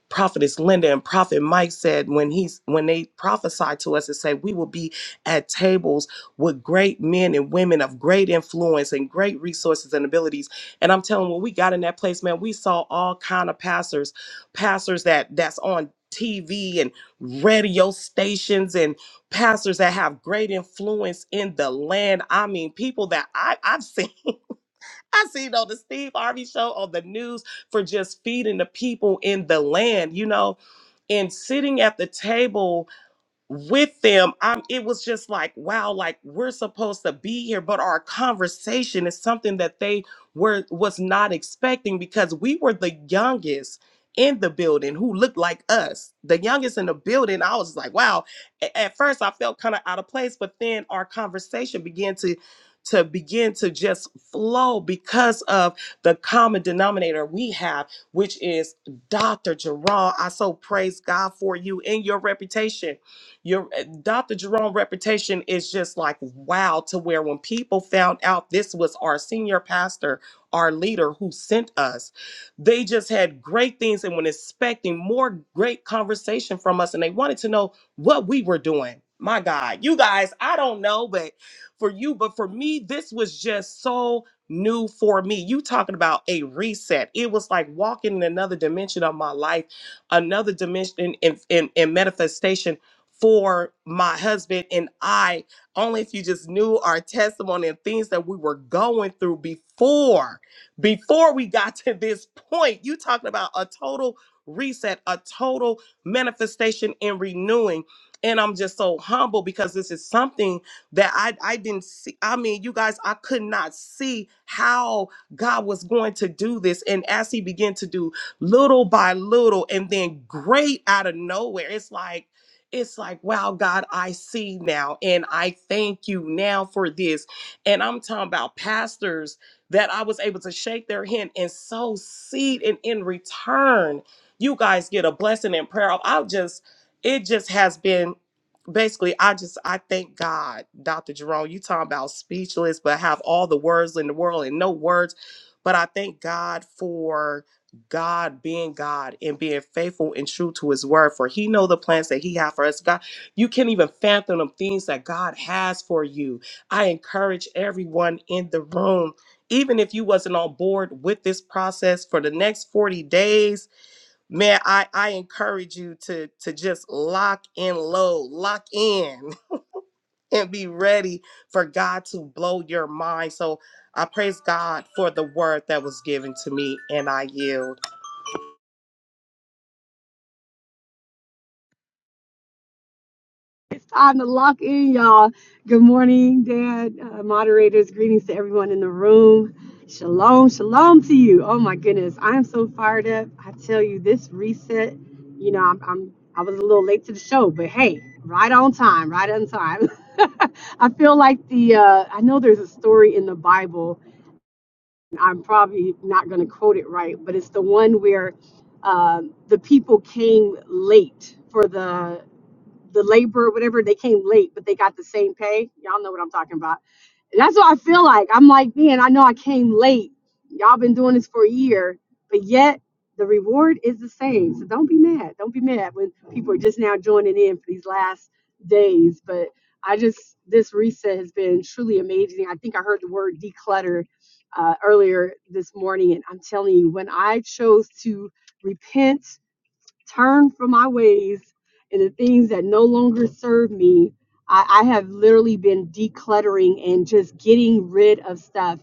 B: prophetess linda and prophet mike said when he's when they prophesied to us and say we will be at tables with great men and women of great influence and great resources and abilities and i'm telling you, when we got in that place man we saw all kind of pastors pastors that that's on tv and radio stations and pastors that have great influence in the land i mean people that I, i've seen (laughs) I seen on the Steve Harvey show on the news for just feeding the people in the land, you know, and sitting at the table with them i'm it was just like wow like we're supposed to be here but our conversation is something that they were was not expecting because we were the youngest in the building who looked like us the youngest in the building i was like wow A- at first i felt kind of out of place but then our conversation began to to begin to just flow because of the common denominator we have which is dr jerome i so praise god for you and your reputation your Dr. Jerome reputation is just like wow to where when people found out this was our senior pastor, our leader who sent us, they just had great things and were expecting more great conversation from us and they wanted to know what we were doing. My God, you guys, I don't know, but for you, but for me, this was just so new for me. You talking about a reset. It was like walking in another dimension of my life, another dimension in, in, in, manifestation for my husband and I. Only if you just knew our testimony and things that we were going through before, before we got to this point. You talking about a total reset, a total manifestation and renewing. And I'm just so humble because this is something that I, I didn't see. I mean, you guys, I could not see how God was going to do this. And as He began to do little by little and then great out of nowhere, it's like, it's like, wow, God, I see now. And I thank you now for this. And I'm talking about pastors that I was able to shake their hand and sow seed. And in return, you guys get a blessing and prayer. I just, it just has been basically i just i thank god dr jerome you talking about speechless but have all the words in the world and no words but i thank god for God being God and being faithful and true to his word for he know the plans that he have for us God you can't even fathom the things that God has for you I encourage everyone in the room even if you wasn't on board with this process for the next 40 days man I I encourage you to to just lock in low lock in (laughs) and be ready for God to blow your mind so I praise God for the word that was given to me and I yield
F: It's time to lock in, y'all. Good morning, Dad, uh, moderators. Greetings to everyone in the room. Shalom, shalom to you. Oh my goodness, I am so fired up. I tell you, this reset. You know, I'm, I'm I was a little late to the show, but hey, right on time, right on time. (laughs) I feel like the uh, I know there's a story in the Bible. and I'm probably not going to quote it right, but it's the one where uh, the people came late for the the labor, or whatever, they came late, but they got the same pay. Y'all know what I'm talking about. And that's what I feel like. I'm like, man, I know I came late. Y'all been doing this for a year, but yet the reward is the same. So don't be mad. Don't be mad when people are just now joining in for these last days. But I just, this reset has been truly amazing. I think I heard the word declutter uh, earlier this morning. And I'm telling you, when I chose to repent turn from my ways and the things that no longer serve me. I, I have literally been decluttering and just getting rid of stuff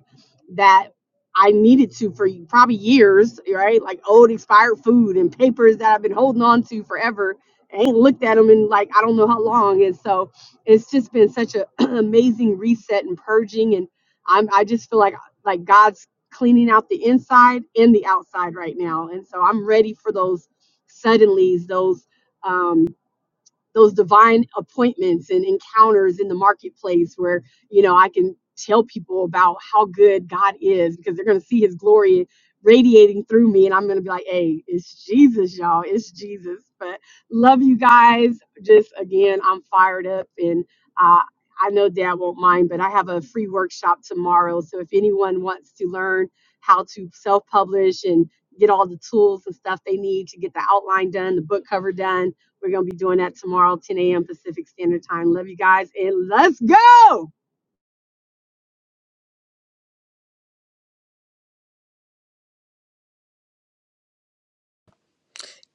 F: that I needed to for probably years, right? Like old expired food and papers that I've been holding on to forever. I ain't looked at them in like I don't know how long. And so it's just been such an (clears throat) amazing reset and purging. And I'm I just feel like like God's cleaning out the inside and the outside right now. And so I'm ready for those Suddenly, those um, those divine appointments and encounters in the marketplace where you know I can tell people about how good God is because they're going to see his glory radiating through me and I'm going to be like, "Hey, it's Jesus, y'all. It's Jesus." But love you guys. Just again, I'm fired up and uh I know dad won't mind, but I have a free workshop tomorrow. So if anyone wants to learn how to self publish and get all the tools and stuff they need to get the outline done, the book cover done, we're going to be doing that tomorrow, 10 a.m. Pacific Standard Time. Love you guys and let's go.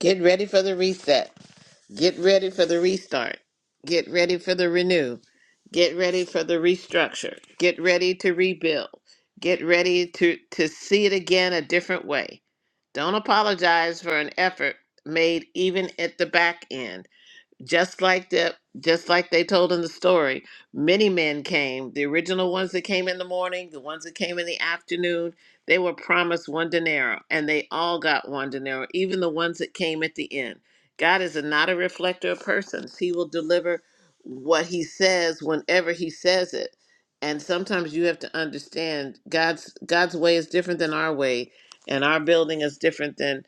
D: Get ready for the reset. Get ready for the restart. Get ready for the renew. Get ready for the restructure. Get ready to rebuild. Get ready to, to see it again a different way. Don't apologize for an effort made even at the back end. just like the just like they told in the story many men came the original ones that came in the morning the ones that came in the afternoon they were promised one denaro and they all got one denaro even the ones that came at the end god is not a reflector of persons he will deliver what he says whenever he says it and sometimes you have to understand god's god's way is different than our way and our building is different than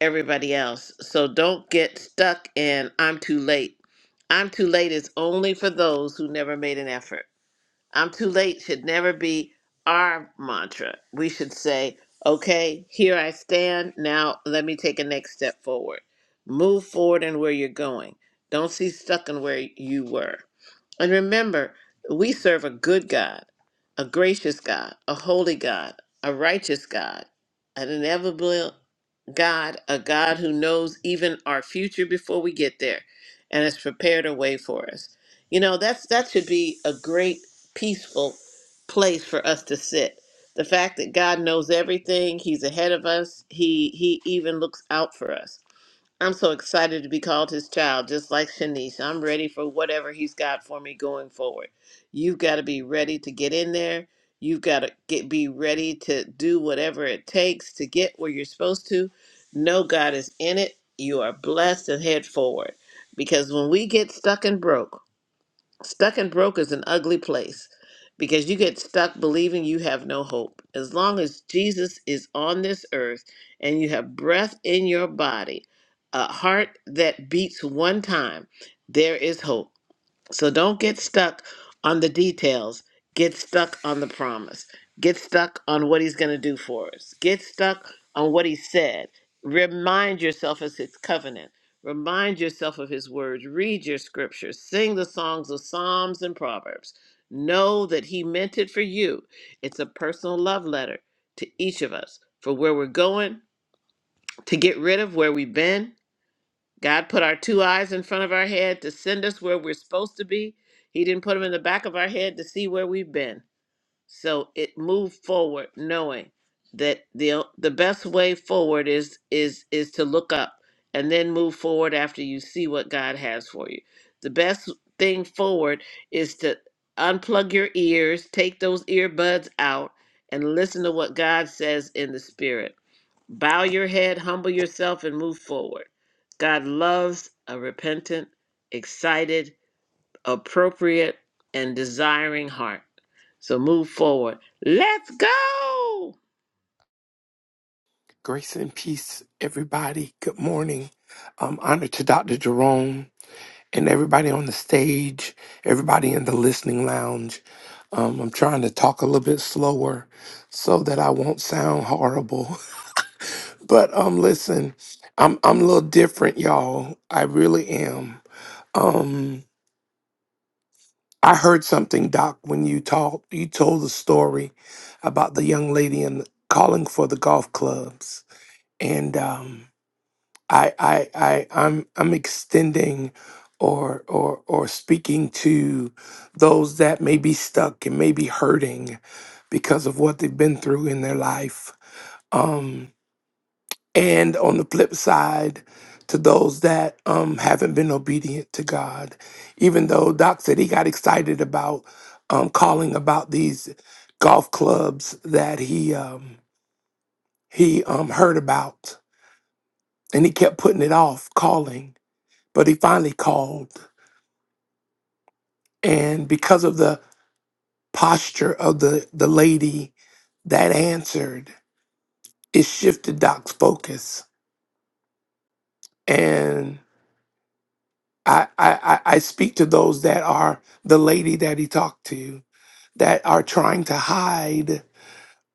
D: everybody else. So don't get stuck in I'm too late. I'm too late is only for those who never made an effort. I'm too late should never be our mantra. We should say, okay, here I stand. Now let me take a next step forward. Move forward in where you're going. Don't see stuck in where you were. And remember, we serve a good God, a gracious God, a holy God, a righteous God, an inevitable God, a God who knows even our future before we get there and has prepared a way for us. You know, that's that should be a great peaceful place for us to sit. The fact that God knows everything, He's ahead of us, He He even looks out for us. I'm so excited to be called His child, just like Shanice. I'm ready for whatever He's got for me going forward. You've got to be ready to get in there. You've got to get be ready to do whatever it takes to get where you're supposed to. Know God is in it. You are blessed and head forward. Because when we get stuck and broke, Stuck and broke is an ugly place because you get stuck believing you have no hope. As long as Jesus is on this earth and you have breath in your body, a heart that beats one time, there is hope. So don't get stuck on the details. Get stuck on the promise. Get stuck on what he's going to do for us. Get stuck on what he said. Remind yourself of his covenant. Remind yourself of his words. Read your scriptures. Sing the songs of Psalms and Proverbs. Know that he meant it for you. It's a personal love letter to each of us for where we're going, to get rid of where we've been, God put our two eyes in front of our head to send us where we're supposed to be. He didn't put them in the back of our head to see where we've been. So it moved forward, knowing that the the best way forward is is is to look up and then move forward after you see what God has for you. The best thing forward is to unplug your ears, take those earbuds out, and listen to what God says in the spirit Bow your head, humble yourself, and move forward. God loves a repentant, excited, appropriate, and desiring heart. So move forward. Let's go!
A: (laughs) Grace and peace, everybody. Good morning. Um, honor to Dr. Jerome. and everybody on the stage, everybody in the listening lounge. Um, I'm trying to talk a little bit slower so that I won't sound horrible. (laughs) But um, listen, I'm I'm a little different, y'all. I really am. Um, I heard something, Doc, when you talked. You told the story about the young lady and calling for the golf clubs, and um, I I I I'm I'm extending or or or speaking to those that may be stuck and may be hurting because of what they've been through in their life. Um and on the flip side to those that um haven't been obedient to God. Even though Doc said he got excited about um calling about these golf clubs that he um he um heard about and he kept putting it off calling But he finally called. And because of the posture of the, the lady that answered, it shifted Doc's focus. And I, I, I I speak to those that are the lady that he talked to that are trying to hide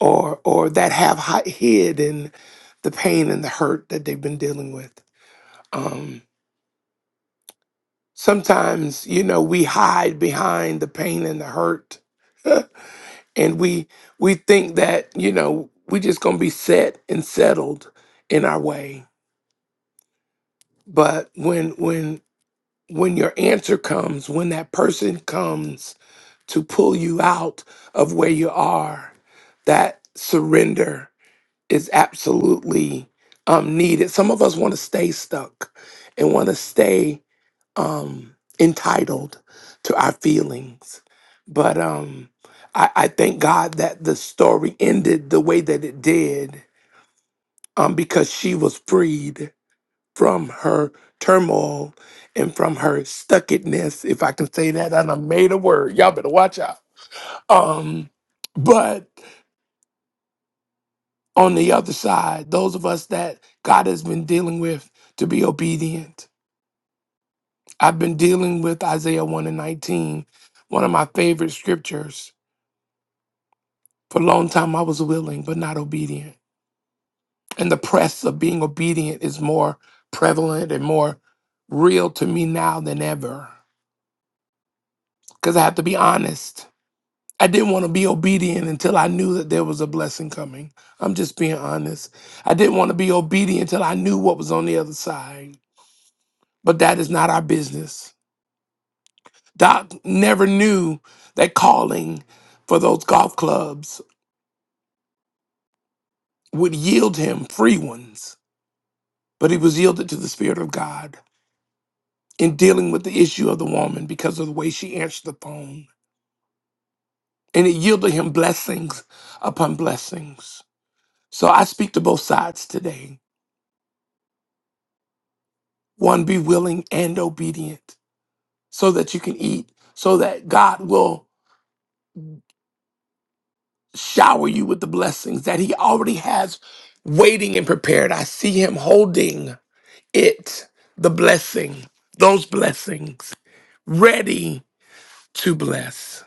A: or or that have hi- hidden the pain and the hurt that they've been dealing with. Um, sometimes, you know, we hide behind the pain and the hurt (laughs) and we we think that you know we just gonna be set and settled in our way but when when when your answer comes when that person comes to pull you out of where you are that surrender is absolutely um needed some of us want to stay stuck and want to stay um, entitled to our feelings. But um, I, I thank God that the story ended the way that it did um, because she was freed from her turmoil and from her stuckedness, if I can say that. And I made a word. Y'all better watch out. Um, but on the other side, those of us that God has been dealing with to be obedient. I've been dealing with Isaiah 1 and nineteen, one of my favorite scriptures For a long time, I was willing but not obedient. And the press of being obedient is more prevalent and more real to me now than ever. Because I have to be honest. I didn't want to be obedient until I knew that there was a blessing coming. I'm just being honest. I didn't want to be obedient until I knew what was on the other side. But that is not our business. Doc never knew that calling for those golf clubs would yield him free ones, but he was yielded to the Spirit of God. in dealing with the issue of the woman because of the way she answered the phone. And it yielded him blessings upon blessings. So I speak to both sides today. One, be willing and obedient so that you can eat, so that God will shower you with the blessings that He already has waiting and prepared. I see Him holding it, the blessing, those blessings, ready to bless.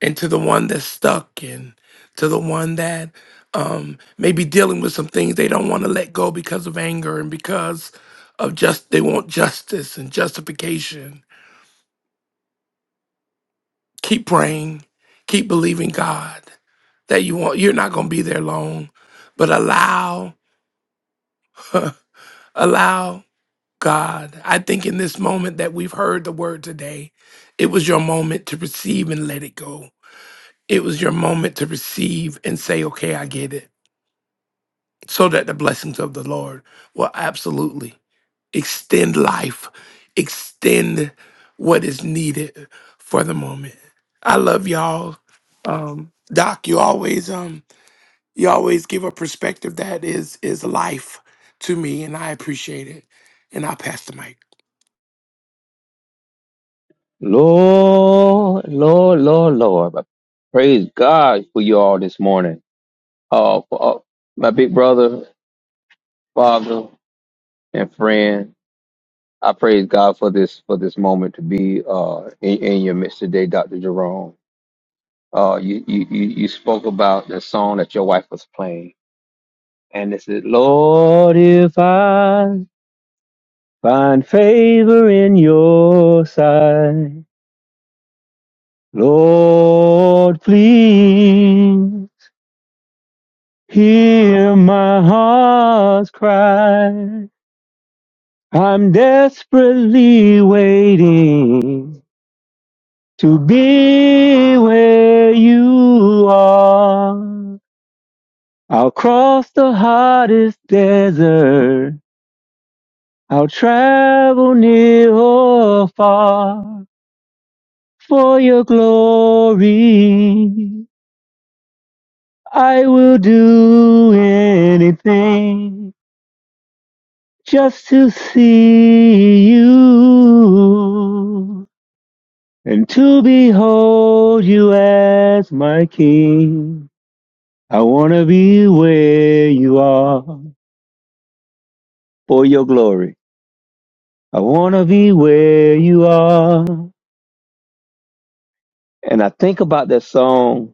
A: and to the one that's stuck and to the one that um, may be dealing with some things they don't want to let go because of anger and because of just they want justice and justification keep praying keep believing god that you want you're not going to be there long but allow (laughs) allow god i think in this moment that we've heard the word today it was your moment to receive and let it go it was your moment to receive and say okay i get it so that the blessings of the Lord will absolutely extend life, extend what is needed for the moment. I love y'all. Um, Doc, you always um you always give a perspective that is is life to me, and I appreciate it. And I'll pass the mic.
G: Lord, Lord, Lord, Lord. I Praise God for you all this morning. Uh, for, uh, my big brother, father, and friend. I praise God for this for this moment to be uh, in, in your midst today, Dr. Jerome. Uh, you, you you you spoke about the song that your wife was playing, and it said, "Lord, if I find favor in your sight, Lord, please." Hear my heart's cry. I'm desperately waiting to be where you are. I'll cross the hottest desert. I'll travel near or far for your glory. I will do anything just to see you and to behold you as my king. I want to be where you are for your glory. I want to be where you are. And I think about that song.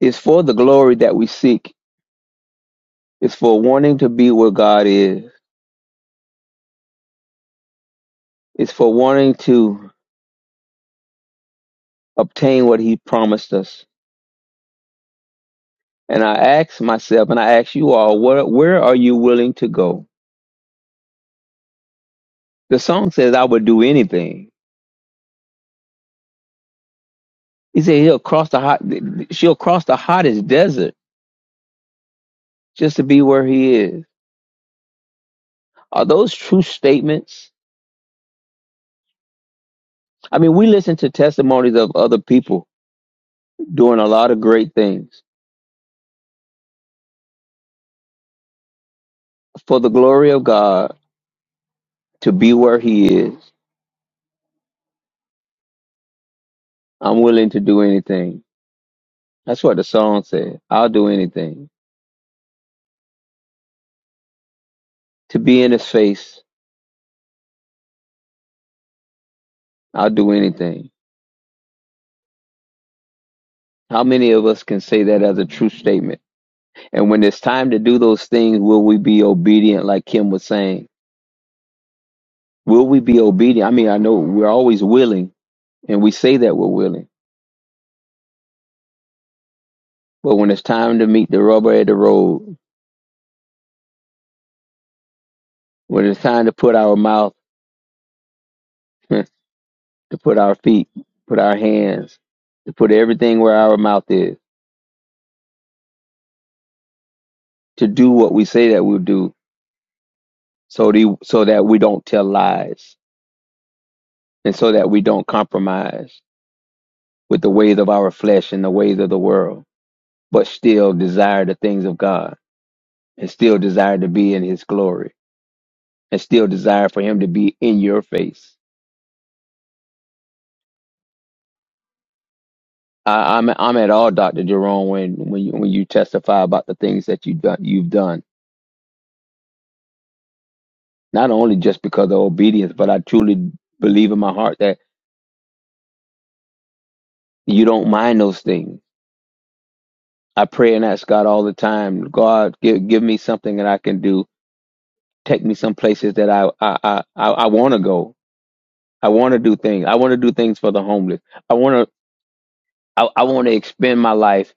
G: It's for the glory that we seek. It's for wanting to be where God is. It's for wanting to obtain what he promised us. And I ask myself and I ask you all, where, where are you willing to go? The song says, I would do anything. He said, he'll cross the hot, she'll cross the hottest desert just to be where he is. Are those true statements? I mean, we listen to testimonies of other people doing a lot of great things for the glory of God to be where he is. I'm willing to do anything. That's what the song said. I'll do anything to be in his face. I'll do anything. How many of us can say that as a true statement? And when it's time to do those things, will we be obedient, like Kim was saying? Will we be obedient? I mean, I know we're always willing and we say that we're willing, but when it's time to meet the rubber at the road, when it's time to put our mouth, (laughs) to put our feet, put our hands, to put everything where our mouth is, to do what we say that we'll do, so, the, so that we don't tell lies and so that we don't compromise with the ways of our flesh and the ways of the world but still desire the things of God and still desire to be in his glory and still desire for him to be in your face. I, I'm I'm at all, Dr. Jerome, when when you, when you testify about the things that you done you've done, not only just because of obedience, but I truly believe in my heart that you don't mind those things. I pray and ask God all the time, God, give give me something that I can do. Take me some places that I I I, I want to go. I want to do things. I want to do things for the homeless. I want to. I, I want to expend my life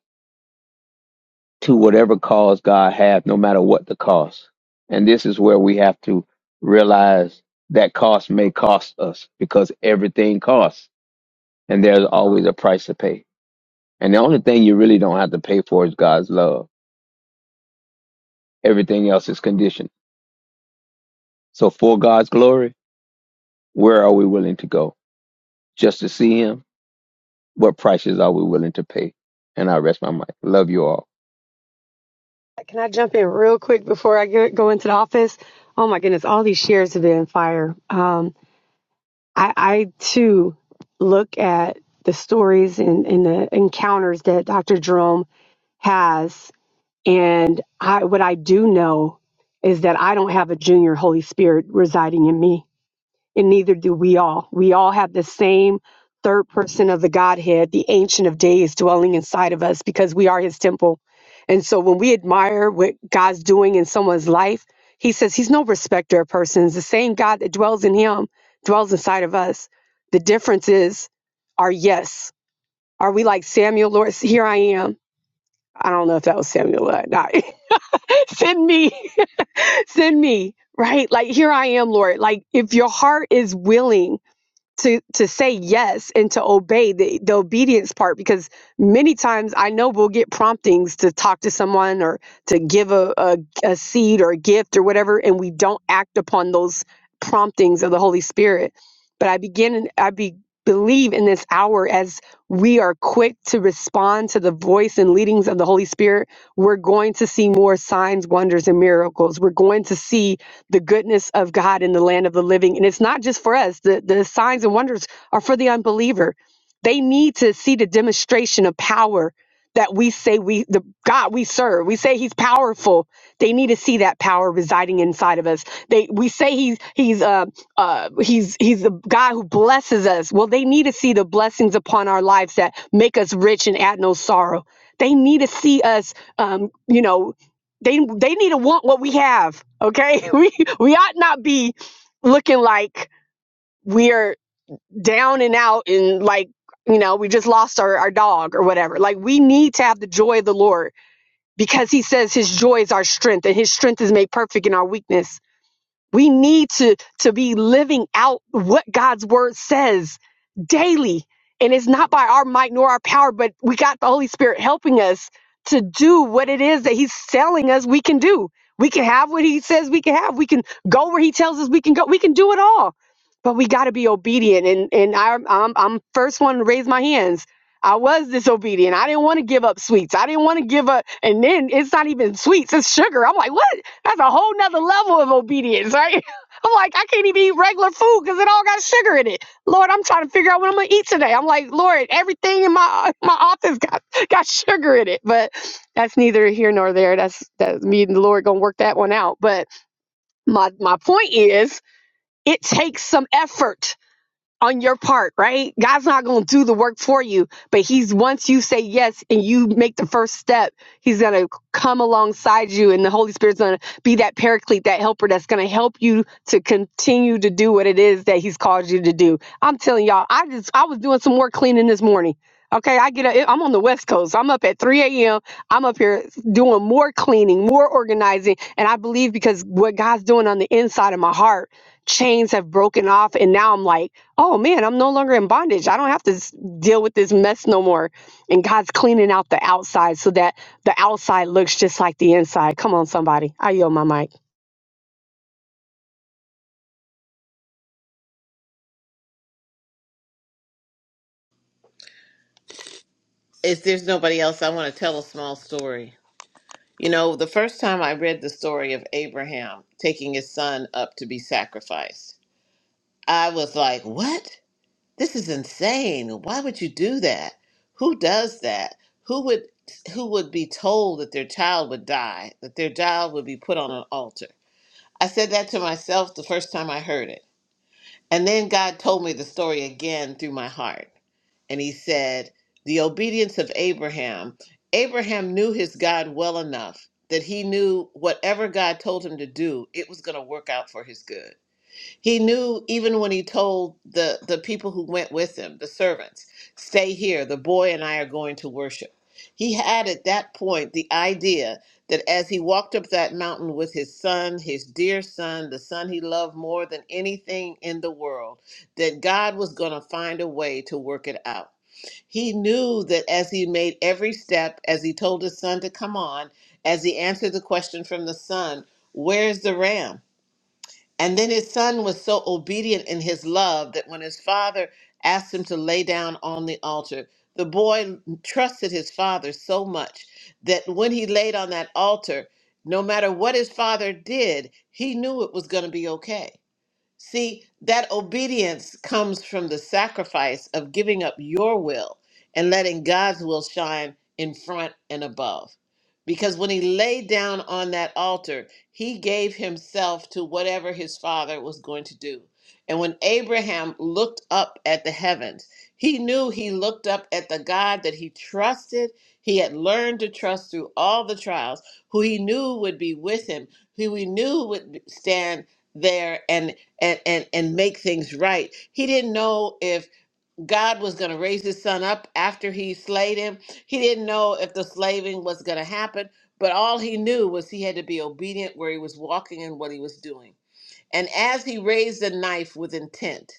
G: to whatever cause God has, no matter what the cost. And this is where we have to realize that cost may cost us because everything costs and there's always a price to pay. And the only thing you really don't have to pay for is God's love. Everything else is conditioned. So for God's glory, where are we willing to go? Just to see him? What prices are we willing to pay? And I rest my mind. Love you all.
F: Can I jump in real quick before I get, go into the office? Oh my goodness, all these shares have been fire. Um, I, I too look at the stories and, and the encounters that Dr. Jerome has. And I, what I do know is that I don't have a junior Holy Spirit residing in me. and neither do we all. We all have the same third person of the Godhead, the Ancient of Days, dwelling inside of us because we are his temple. And so when we admire what God's doing in someone's life, he says he's no respecter of persons. The same God that dwells in him dwells inside of us. The difference is our yes. Are we like Samuel, Lord? Here I am. I don't know if that was Samuel or not. (laughs) send me, (laughs) send me, right? Like, here I am, Lord. Like, if your heart is willing, to to say yes and to obey the, the obedience part because many times i know we'll get promptings to talk to someone or to give a, a, a seed or a gift or whatever and we don't act upon those promptings of the holy spirit but i begin i be, believe in this hour as we are quick to respond to the voice and leadings of the holy spirit we're going to see more signs wonders and miracles we're going to see the goodness of God in the land of the living. And it's not just for us, the, the signs and wonders are for the unbeliever. They need to see the demonstration of power that we say we the God we serve. We say he's powerful. They need to see that power residing inside of us. They we say he's he's uh uh he's he's the God who blesses us. Well, they need to see the blessings upon our lives that make us rich and add no sorrow. They need to see us um you know they they need to want what we have. Okay, (laughs) we we ought not be looking like we're down and out and like you know we just lost our our dog or whatever. Like we need to have the joy of the Lord because He says His joy is our strength and His strength is made perfect in our weakness. We need to, to be living out what God's word says daily. And it's not by our might nor our power, but we got the Holy Spirit helping us to do what it is that He's telling us we can do. We can have what He says we can have. We can go where He tells us we can go. We can do it all. But we got to be obedient. And, and I, I'm, I'm first one to raise my hands. I was disobedient. I didn't want to give up sweets. I didn't want to give up. And then it's not even sweets, it's sugar. I'm like, what? That's a whole nother level of obedience, right? (laughs) I'm like, I can't even eat regular food because it all got sugar in it. Lord, I'm trying to figure out what I'm gonna eat today. I'm like, Lord, everything in my (laughs) my office got (laughs) got sugar in it. But that's neither here nor there. That's that's me and the Lord gonna work that one out. But my my point is, it takes some effort on your part, right? God's not going to do the work for you, but he's once you say yes and you make the first step, he's going to come alongside you and the Holy Spirit's going to be that paraclete, that helper that's going to help you to continue to do what it is that he's called you to do. I'm telling y'all, I just I was doing some more cleaning this morning. Okay, I get up. I'm on the West Coast. I'm up at 3 a.m. I'm up here doing more cleaning, more organizing, and I believe because what God's doing on the inside of my heart, chains have broken off, and now I'm like oh man, I'm no longer in bondage. I don't have to s- deal with this mess no more. And God's cleaning out the outside so that the outside looks just like the inside. Come on, somebody. I yield my mic.
D: If there's nobody else, I want to tell a small story. You know, the first time I read the story of Abraham taking his son up to be sacrificed, I was like, what? this is insane why would you do that who does that who would who would be told that their child would die that their child would be put on an altar i said that to myself the first time i heard it and then god told me the story again through my heart and he said the obedience of abraham abraham knew his god well enough that he knew whatever god told him to do it was going to work out for his good he knew even when he told the, the people who went with him, the servants, stay here, the boy and I are going to worship. He had at that point the idea that as he walked up that mountain with his son, his dear son, the son he loved more than anything in the world, that God was going to find a way to work it out. He knew that as he made every step, as he told his son to come on, as he answered the question from the son, Where's the ram? And then his son was so obedient in his love that when his father asked him to lay down on the altar, the boy trusted his father so much that when he laid on that altar, no matter what his father did, he knew it was going to be okay. See, that obedience comes from the sacrifice of giving up your will and letting God's will shine in front and above. Because when he laid down on that altar, he gave himself to whatever his father was going to do. And when Abraham looked up at the heavens, he knew he looked up at the God that he trusted, he had learned to trust through all the trials, who he knew would be with him, who he knew would stand there and and and and make things right. He didn't know if God was going to raise his son up after he slayed him. He didn't know if the slaving was going to happen, but all he knew was he had to be obedient where he was walking and what he was doing and as he raised the knife with intent.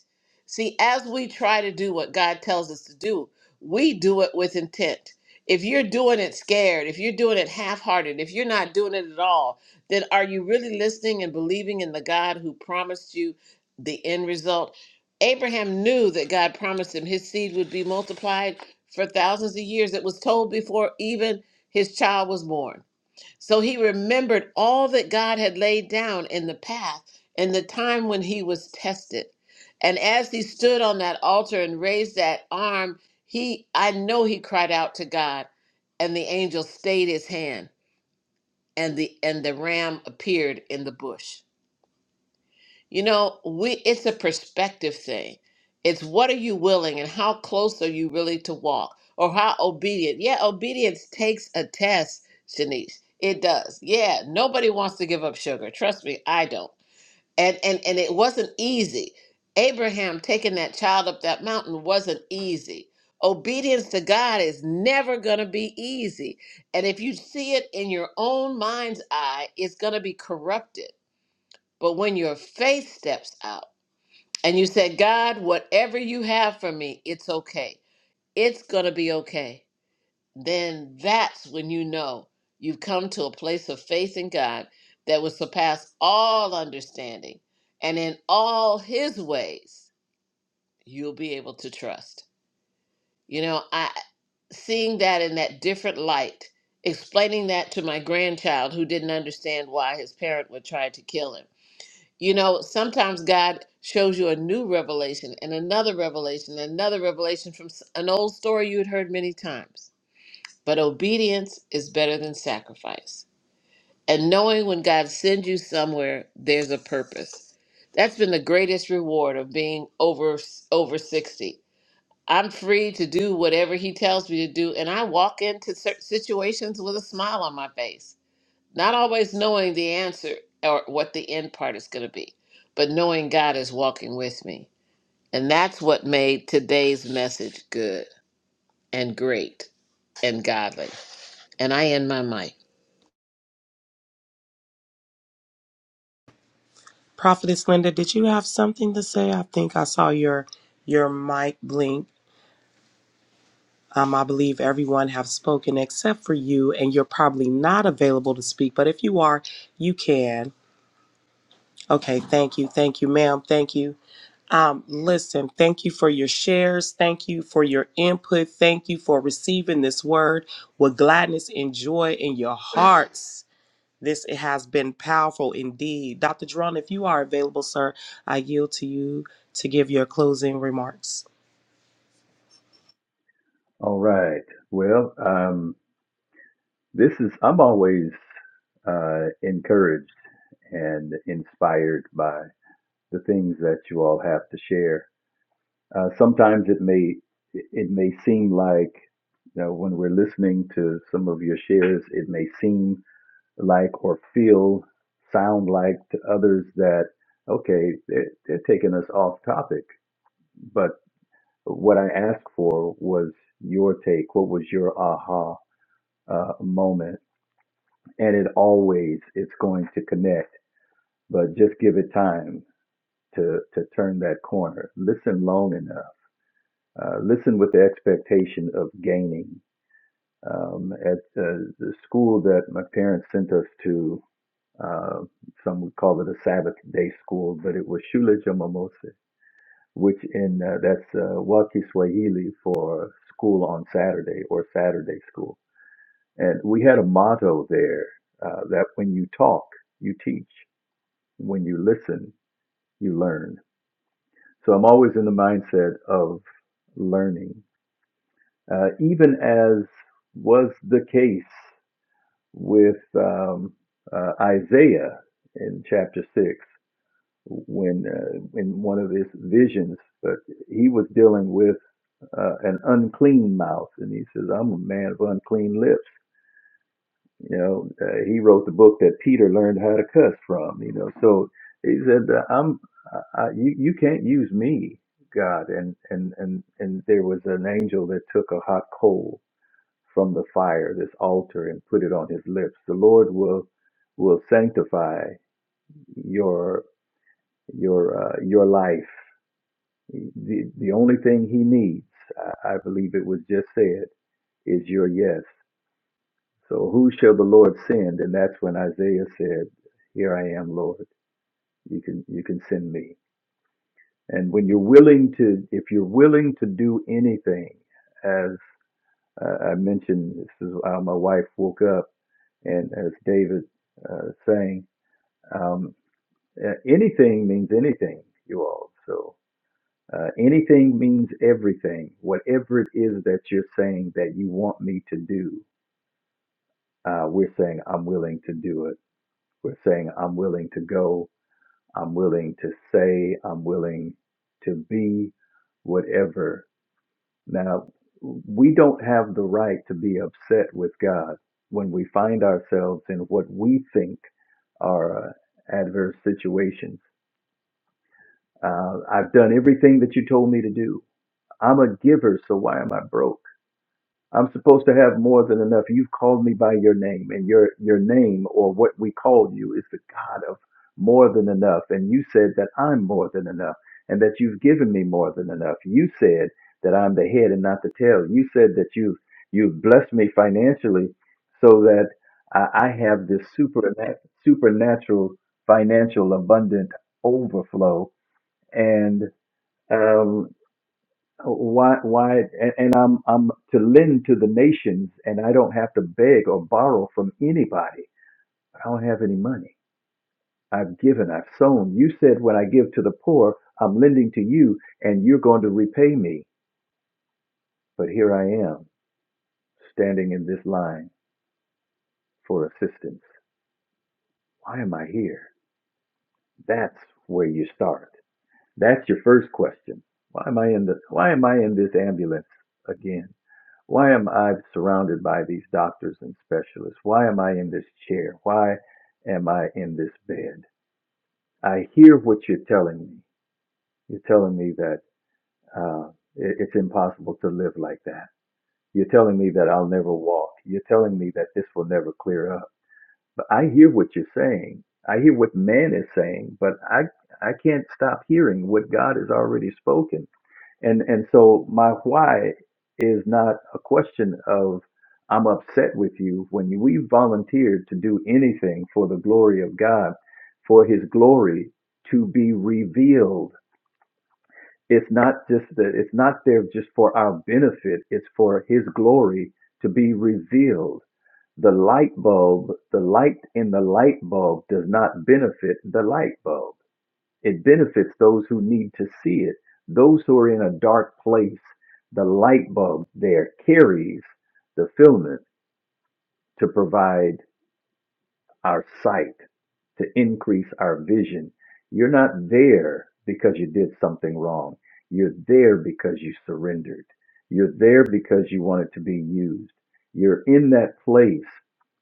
D: See, as we try to do what God tells us to do, we do it with intent. If you're doing it scared, if you're doing it half hearted, if you're not doing it at all, then are you really listening and believing in the God who promised you the end result? Abraham knew that God promised him his seed would be multiplied for thousands of years. It was told before even his child was born. So he remembered all that God had laid down in the path and the time when he was tested. And as he stood on that altar and raised that arm, he I know he cried out to God, and the angel stayed his hand, and the and the ram appeared in the bush. You know, we it's a perspective thing. It's what are you willing and how close are you really to walk or how obedient? Yeah, obedience takes a test, Shanice. It does. Yeah, nobody wants to give up sugar. Trust me, I don't. And and and it wasn't easy. Abraham taking that child up that mountain wasn't easy. Obedience to God is never going to be easy. And if you see it in your own mind's eye, it's going to be corrupted. But when your faith steps out, and you said, God, whatever you have for me, it's okay. It's going to be okay. Then that's when you know you've come to a place of faith in God that will surpass all understanding. And in all his ways, you'll be able to trust. You know, I seeing that in that different light, explaining that to my grandchild who didn't understand why his parent would try to kill him you know, sometimes God shows you a new revelation and another revelation and another revelation from s- an old story you had heard many times. But obedience is better than sacrifice. And knowing when God sends you somewhere, there's a purpose. That's been the greatest reward of being over over 60. I'm free to do whatever he tells me to do and I walk into cer- situations with a smile on my face not always knowing the answer or what the end part is going to be, but knowing God is walking with me. And that's what made today's message good and great and godly. And I end my mic.
B: Prophetess Linda, did you have something to say? I think I saw your your mic blink. Um, I believe everyone have spoken except for you, and you're probably not available to speak. But if you are, you can. Okay, thank you, thank you, ma'am, thank you. Um, listen, thank you for your shares. Thank you for your input. Thank you for receiving this word with gladness and joy in your hearts. This it has been powerful indeed. Dr. Jerome, if you are available, sir, I yield to you to give your closing remarks.
E: All right. Well, um, this is, I'm always uh, encouraged and inspired by the things that you all have to share. Uh, sometimes it may it may seem like you know, when we're listening to some of your shares, it may seem like or feel sound like to others that okay, they're, they're taking us off topic. But what I asked for was your take. What was your aha uh, moment? And it always it's going to connect, but just give it time to to turn that corner. Listen long enough. Uh, listen with the expectation of gaining um, at uh, the school that my parents sent us to. Uh, some would call it a Sabbath day school, but it was Shule cha Momose, which in uh, that's uh, Waki for school on Saturday or Saturday school. And we had a motto there uh, that when you talk, you teach. When you listen, you learn. So I'm always in the mindset of learning, uh, even as was the case with um, uh, Isaiah in chapter six when uh, in one of his visions but he was dealing with uh, an unclean mouth and he says i'm a man of unclean lips you know uh, he wrote the book that peter learned how to cuss from you know so he said uh, i'm I, you, you can't use me god and and and and there was an angel that took a hot coal from the fire this olive oil, for your life needs It has said, Here is in me. And when you're willing to, if you do anything, as uh, I mentioned, this is how my wife woke up, and as David uh, saying, um, uh, anything means anything, you all. So uh, anything means everything. Whatever it is that you're saying that you want me to do, uh, we're saying I'm willing to do it. We're saying I'm willing to go I'm willing to say, I'm willing to be, whatever. Now, we don't have the right to be upset with God when we find ourselves in what we think are uh, adverse situations. Uh, I've done everything that you told me to do. I'm a giver, so why am I broke? I'm supposed to have more than enough. You've called me by your name, and your your name or what we call you is the God of more than enough. And you said that I'm more than enough, and that you've given me more than enough. You said that I'm the head and not the tail. You said that you've you've blessed me financially, so that I, I have this super supernatural financial abundant overflow. And um, why why and, and i'm i'm to lend to the nations and i don't have to beg or borrow from anybody i don't have any money i've given i've sown you said when i give to the poor i'm lending to you and you're going to repay me but here i am standing in this line for assistance why am i here that's where you start that's your first question why am i in the why am i in this ambulance again Why am I surrounded by these doctors and specialists? Why am I in this chair? Why am I in this bed? I hear what you're telling me. You're telling me that uh, it- it's impossible to live like that. You're telling me that I'll never walk. You're telling me that this will never clear up. But I hear what you're saying. I hear what man is saying, but I I can't stop hearing what God has already spoken and and so my why is not a question of I'm upset with you when you, we volunteered to do anything for the glory of God, for His glory to be revealed. It's not just that it's not there just for our benefit. It's for His glory to be revealed. The light bulb, the light in the light bulb does not benefit the light bulb it benefits those who need to see it. Those who are in a dark place, the light bulb there carries the filament to provide our sight, to increase our vision. You're not there because you did something wrong. You're there because you surrendered. You're there because you wanted to be used. You're in that place.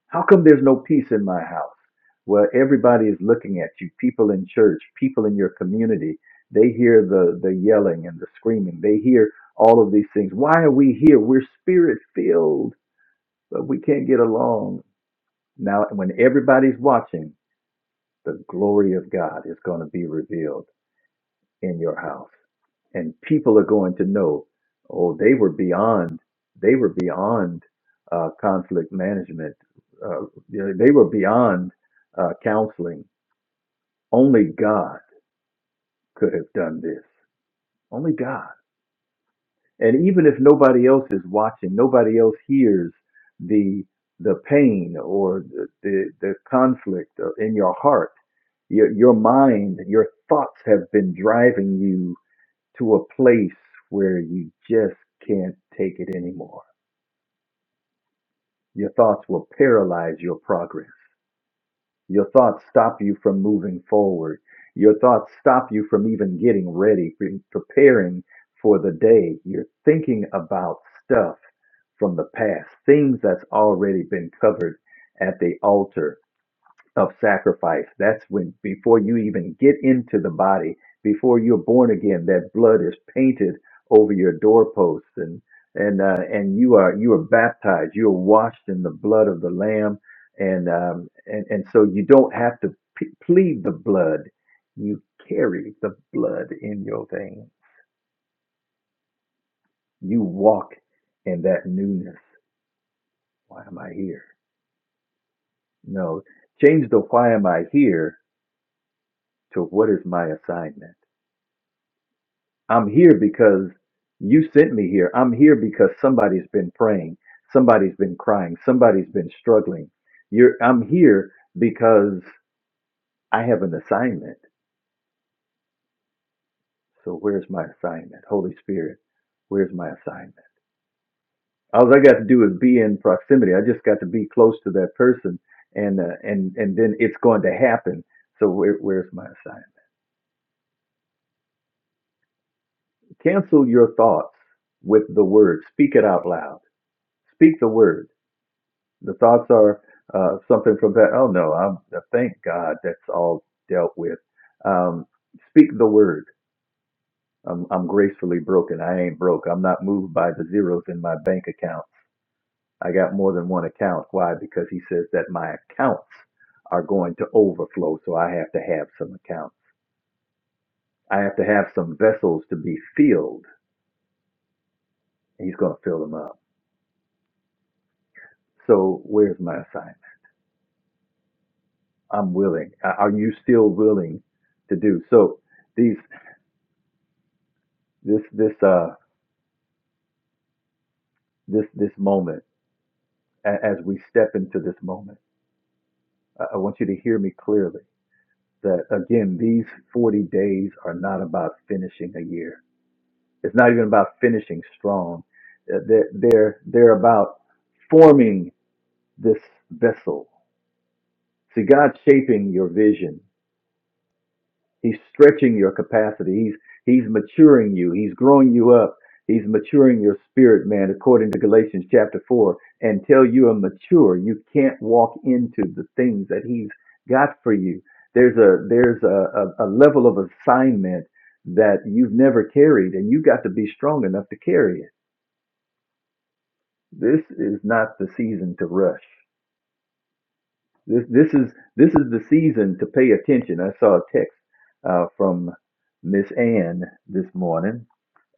E: How come there's no peace in my house? Well, everybody is looking at you. People in church, people in your community, they hear the, the yelling and the screaming. They hear all of these things. Why are we here? We're spirit filled, but we can't get along. Now, when everybody's watching, the glory of God is going to be revealed in your house. And people are going to know, oh, they were beyond, they were beyond uh, conflict management. Uh, you know, they were beyond uh, counseling. Only God could have done this. Only God. And even if nobody else is watching, nobody else hears the the pain or the the, the conflict in your heart your, your mind, your thoughts have been driving you to a place where you just can't take it anymore. Your thoughts will paralyze your progress. Your thoughts stop you from moving forward. Your thoughts stop you from even getting ready, pre- preparing for the day. You're thinking about stuff from the past, things that's already been covered at the altar of sacrifice. That's when, before you even get into the body, before you're born again, that blood is painted over your doorposts, and and uh, and you are you are baptized. You are washed in the blood of the Lamb, and um, and and so you don't have to p- plead the blood. You carry the blood in your veins. You walk in that newness. Why am I here? No, change the why am I here to what is my assignment I'm here because you sent me here. I'm here because somebody's been praying, somebody's been crying, somebody's been struggling. You're I'm here because I have an assignment. So where's my assignment? Holy Spirit, where's my assignment? All I got to do is be in proximity. I just got to be close to that person and uh, and and then it's going to happen. So where, where's my assignment? Cancel your thoughts with the word. Speak it out loud. Speak the word The thoughts are uh, something from that. Oh no, I'm uh, thank God that's all dealt with. Um, speak the word. I'm, I'm gracefully broken. I ain't broke. I'm not moved by the zeros in my bank account. I got more than one account. Why? Because he says that my accounts are going to overflow, so I have to have some accounts. I have to have some vessels to be filled. He's going to fill them up. So where's my assignment? I'm willing. Are you still willing to do so? These. this this uh this this moment a- as we step into this moment I, I want you to hear me clearly that again these 40 days are not about finishing a year it's not even about finishing strong Uh, they're they're they're about forming this vessel see god's shaping your vision He's stretching your capacity. He's he's maturing you. He's growing you up. He's maturing your spirit, man, according to Galatians chapter four. Until you are mature, you can't walk into the things that he's got for you. There's a there's a, a, a level of assignment that you've never carried, and you got to be strong enough to carry it. This is not the season to rush. This this is this is the season to pay attention. I saw a text uh, from Miss Ann this morning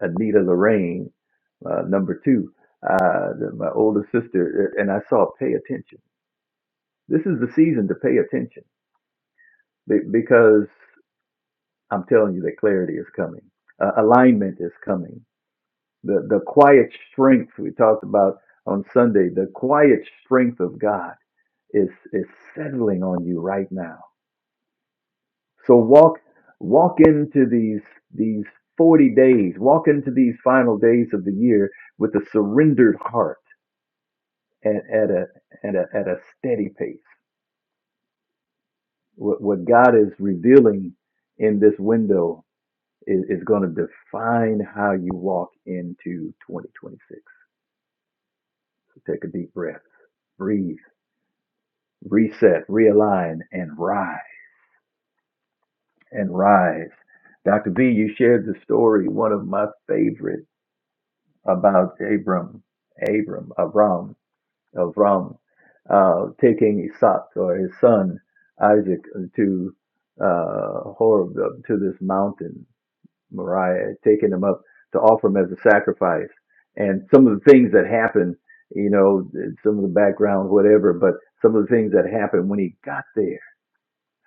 E: Anita Lorraine, uh, number two, uh, the- my older sister, uh, and I saw pay attention. This is the season to pay attention be- because I'm telling you that clarity is coming, uh, alignment is coming. The the quiet strength we talked about on Sunday, the quiet strength of God is is settling on you right now. So walk walk into these these 40 days, walk into these final days of the year with a surrendered heart at, at a at a at a steady pace. What what God is revealing in this window is, is going to define how you walk into 2026. Take a deep breath, breathe, reset, realign, and rise and rise. Dr. V, you shared the story, one of my favorite, about Abram, Abram, Abram. of Ram, uh, taking Isaac or his son Isaac to uh, Horeb, to this mountain, Moriah, taking him up to offer him as a sacrifice. And some of the things that happened, you know, some of the background, whatever, but some of the things that happened when he got there.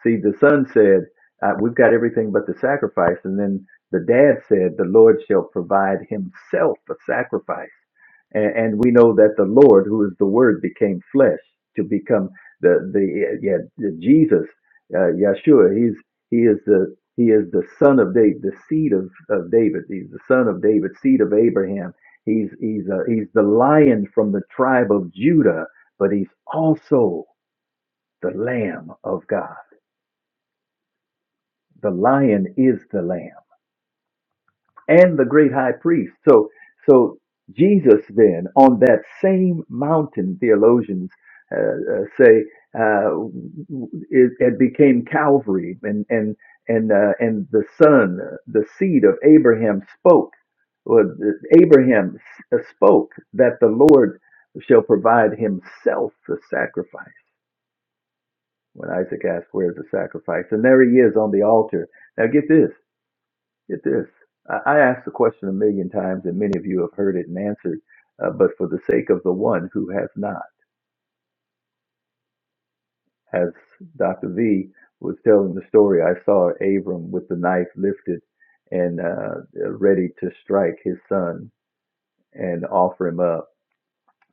E: See, the son said, uh, We've got everything but the sacrifice. And then the dad said, The Lord shall provide himself a sacrifice and, and we know that the Lord, who is the Word, became flesh to become the the yeah the Jesus, uh, Yeshua. He's he is the he is the son of David, the seed of, of David. He's the son of David, seed of Abraham. He's he's uh, he's the lion from the tribe of Judah, but he's also the Lamb of God. The lion is the Lamb and the great high priest. So, so Jesus then on that same mountain, theologians uh, uh, say, uh, it, it became Calvary, and and and uh, and the son, uh, the seed of Abraham, spoke. Well, uh, Abraham s- uh, spoke that the Lord shall provide himself the sacrifice. When Isaac asked, "Where's the sacrifice?" and there he is on the altar. Now get this. Get this. I I asked the question a million times, and many of you have heard it and answered, uh, but for the sake of the one who has not, as Dr. V was telling the story, I saw Abram with the knife lifted and uh, ready to strike his son and offer him up.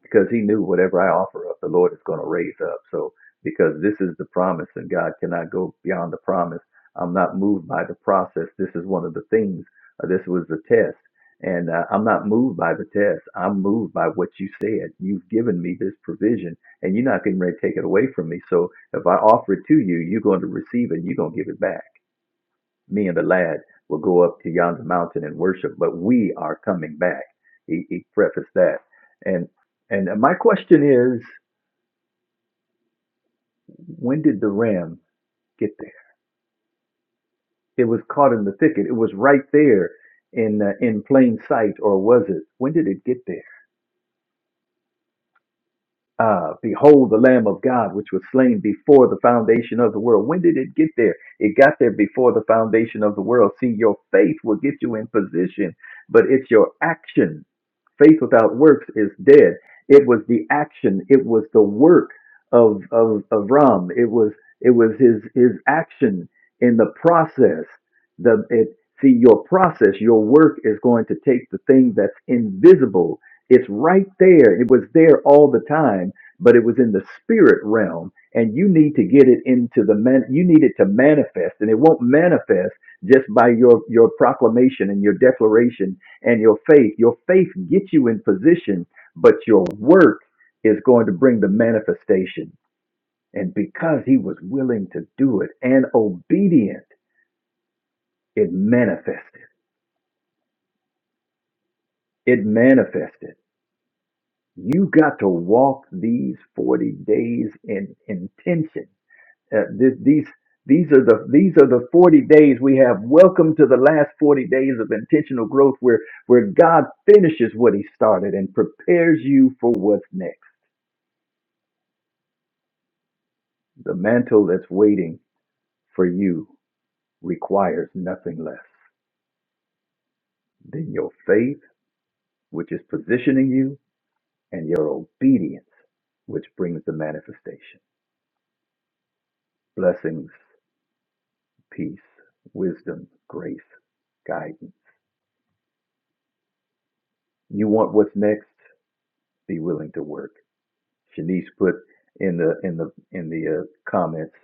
E: because he knew whatever I offer up, the Lord is going to raise up. So, because this is the promise and God cannot go beyond the promise, I'm not moved by the process. This is one of the things. Uh, this was the test. And uh, I'm not moved by the test. I'm moved by what you said. You've given me this provision and you're not getting ready to take it away from me. So, if I offer it to you, you're going to receive it and you're going to give it back me and the lad will go up to yonder mountain and worship, but we are coming back. He, he prefaced that. And and my question is, when did the ram get there? It was caught in the thicket. It was right there in uh, in plain sight, or was it? When did it get there? Uh, behold the Lamb of God, which was slain before the foundation of the world. When did it get there? It got there before the foundation of the world. See, your faith will get you in position, but it's your action faith without works is dead. It was the action, it was the work of of Avram. It was it was his his action in the process. The it see your process, your work is going to take the thing that's invisible. It's right there. It was there all the time, but it was in the spirit realm, and you need to get it into the man. You need it to manifest, and it won't manifest just by your your proclamation and your declaration and your faith. Your faith gets you in position, but your work is going to bring the manifestation. And because he was willing to do it and obedient, it manifested. It manifested. You got to walk these 40 days in intention. Uh, th- these these are the these are the 40 days we have welcome to the last 40 days of intentional growth where where God finishes what he started and prepares you for what's next The mantle that's waiting for you requires nothing less than your faith, which is positioning you, and your obedience, which brings the manifestation. Blessings, peace, wisdom, grace, guidance. You want what's next? Be willing to work. Shanice put in the in the in the uh, comments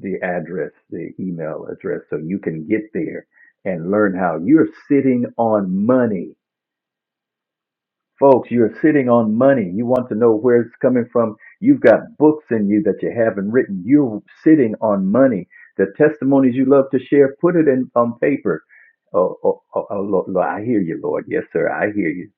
E: the address, the email address, so you can get there and learn how you're sitting on money Folks, you're sitting on money. You want to know where it's coming from. You've got books in you that you haven't written. You're sitting on money. The testimonies you love to share, put it in on paper. Oh, oh, oh, oh Lord, Lord, I hear you, Lord. Yes, sir, I hear you.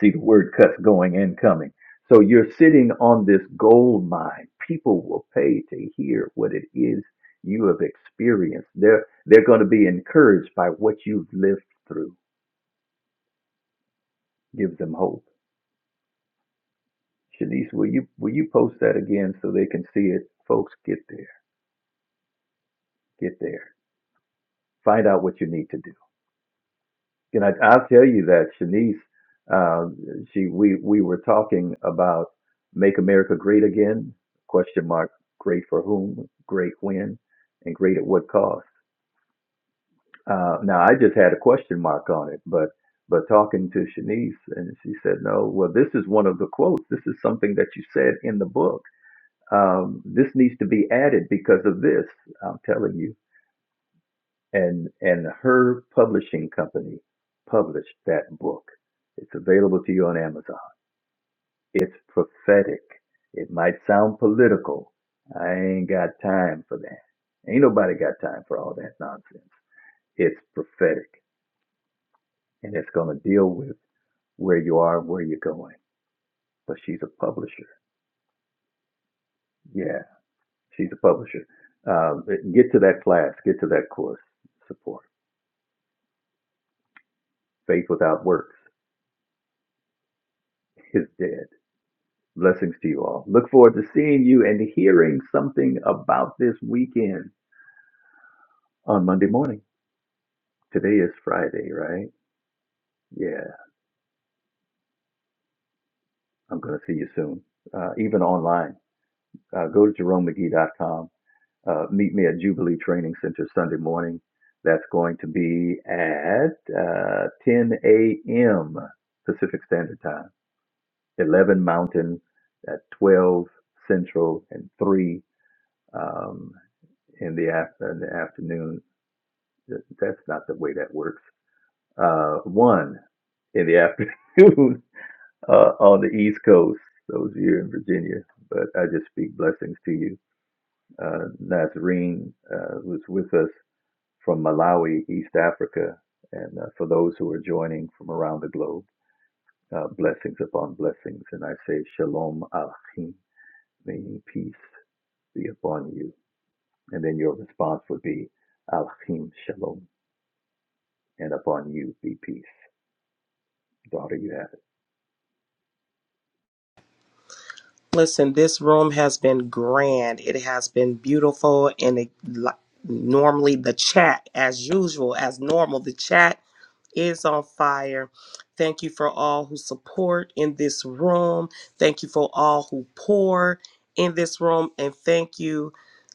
E: See the word cuts going and coming. So you're sitting on this gold mine. People will pay to hear what it is you have experienced. They're they're going to be encouraged by what you've lived through. Give them hope Shanice, will you will you post that again so they can see it? Folks, get there, get there. Find out what you need to do. And I, I'll tell you that Shanice, uh, she we we were talking about make America great again? Question mark. Great for whom? Great when? And great at what cost? Uh, now I just had a question mark on it, but but talking to Shanice, and she said, no. Well, this is one of the quotes. This is something that you said in the book um, this needs to be added because of this. I'm telling you. And and her publishing company published that book. It's available to you on Amazon. It's prophetic. It might sound political. I ain't got time for that. Ain't nobody got time for all that nonsense. It's prophetic, and it's going to deal with where you are, where you're going. But she's a publisher. Yeah, she's a publisher. Um, get to that class. Get to that course. Support. Faith without works is dead. Blessings to you all. Look forward to seeing you and hearing something about this weekend on Monday morning. Today is Friday, right? Yeah, I'm going to see you soon, uh, even online. Uh, go to jeromemcgee.com. Uh, meet me at Jubilee Training Center Sunday morning. That's going to be at uh, 10 a.m. Pacific Standard Time, 11 Mountain, at 12 Central, and 3. um, in the, af- in the afternoon. That's not the way that works. Uh, one in the afternoon (laughs) uh, on the East Coast, those of you in Virginia. But I just speak blessings to you. Uh, Nazreen uh, was with us from Malawi, East Africa. And uh, for those who are joining from around the globe, uh, blessings upon blessings. And I say, Shalom Alchim, may peace be upon you. And then your response would be, Alchim Shalom. and upon you be peace. Daughter, you have.
B: Listen, this room has been grand. It has been beautiful, and it, li- normally the chat, as usual, as normal, the chat is on fire. Thank you for all who support in this room. Thank you for all who pour in this room. And thank you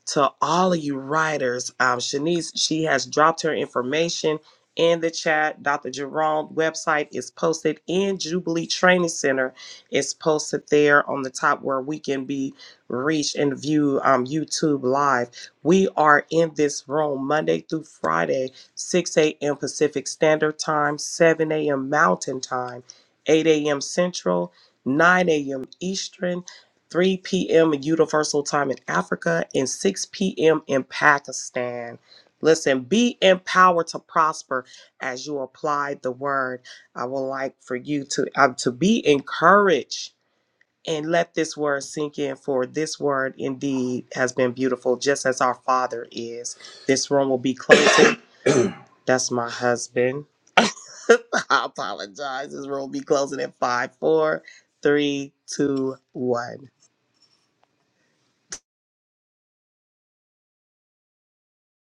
B: to all of you writers. Um, Shanice, she has dropped her information in the chat. Dr. Jerome website is posted in Jubilee Training Center. It's posted there on the top where we can be reached and view um, YouTube live. We are in this room Monday through Friday 6 a.m. Pacific Standard Time, 7 a.m. Mountain Time, 8 a.m. Central, 9 a.m. Eastern, 3 p.m. Universal Time in Africa, and 6 p.m. in Pakistan. Listen, be empowered to prosper as you apply the word. I would like for you to, um, to be encouraged and let this word sink in, for this word indeed has been beautiful, just as our Father is. This room will be closing. That's my husband. (laughs) I apologize. This room will be closing at five, four, three, two, one.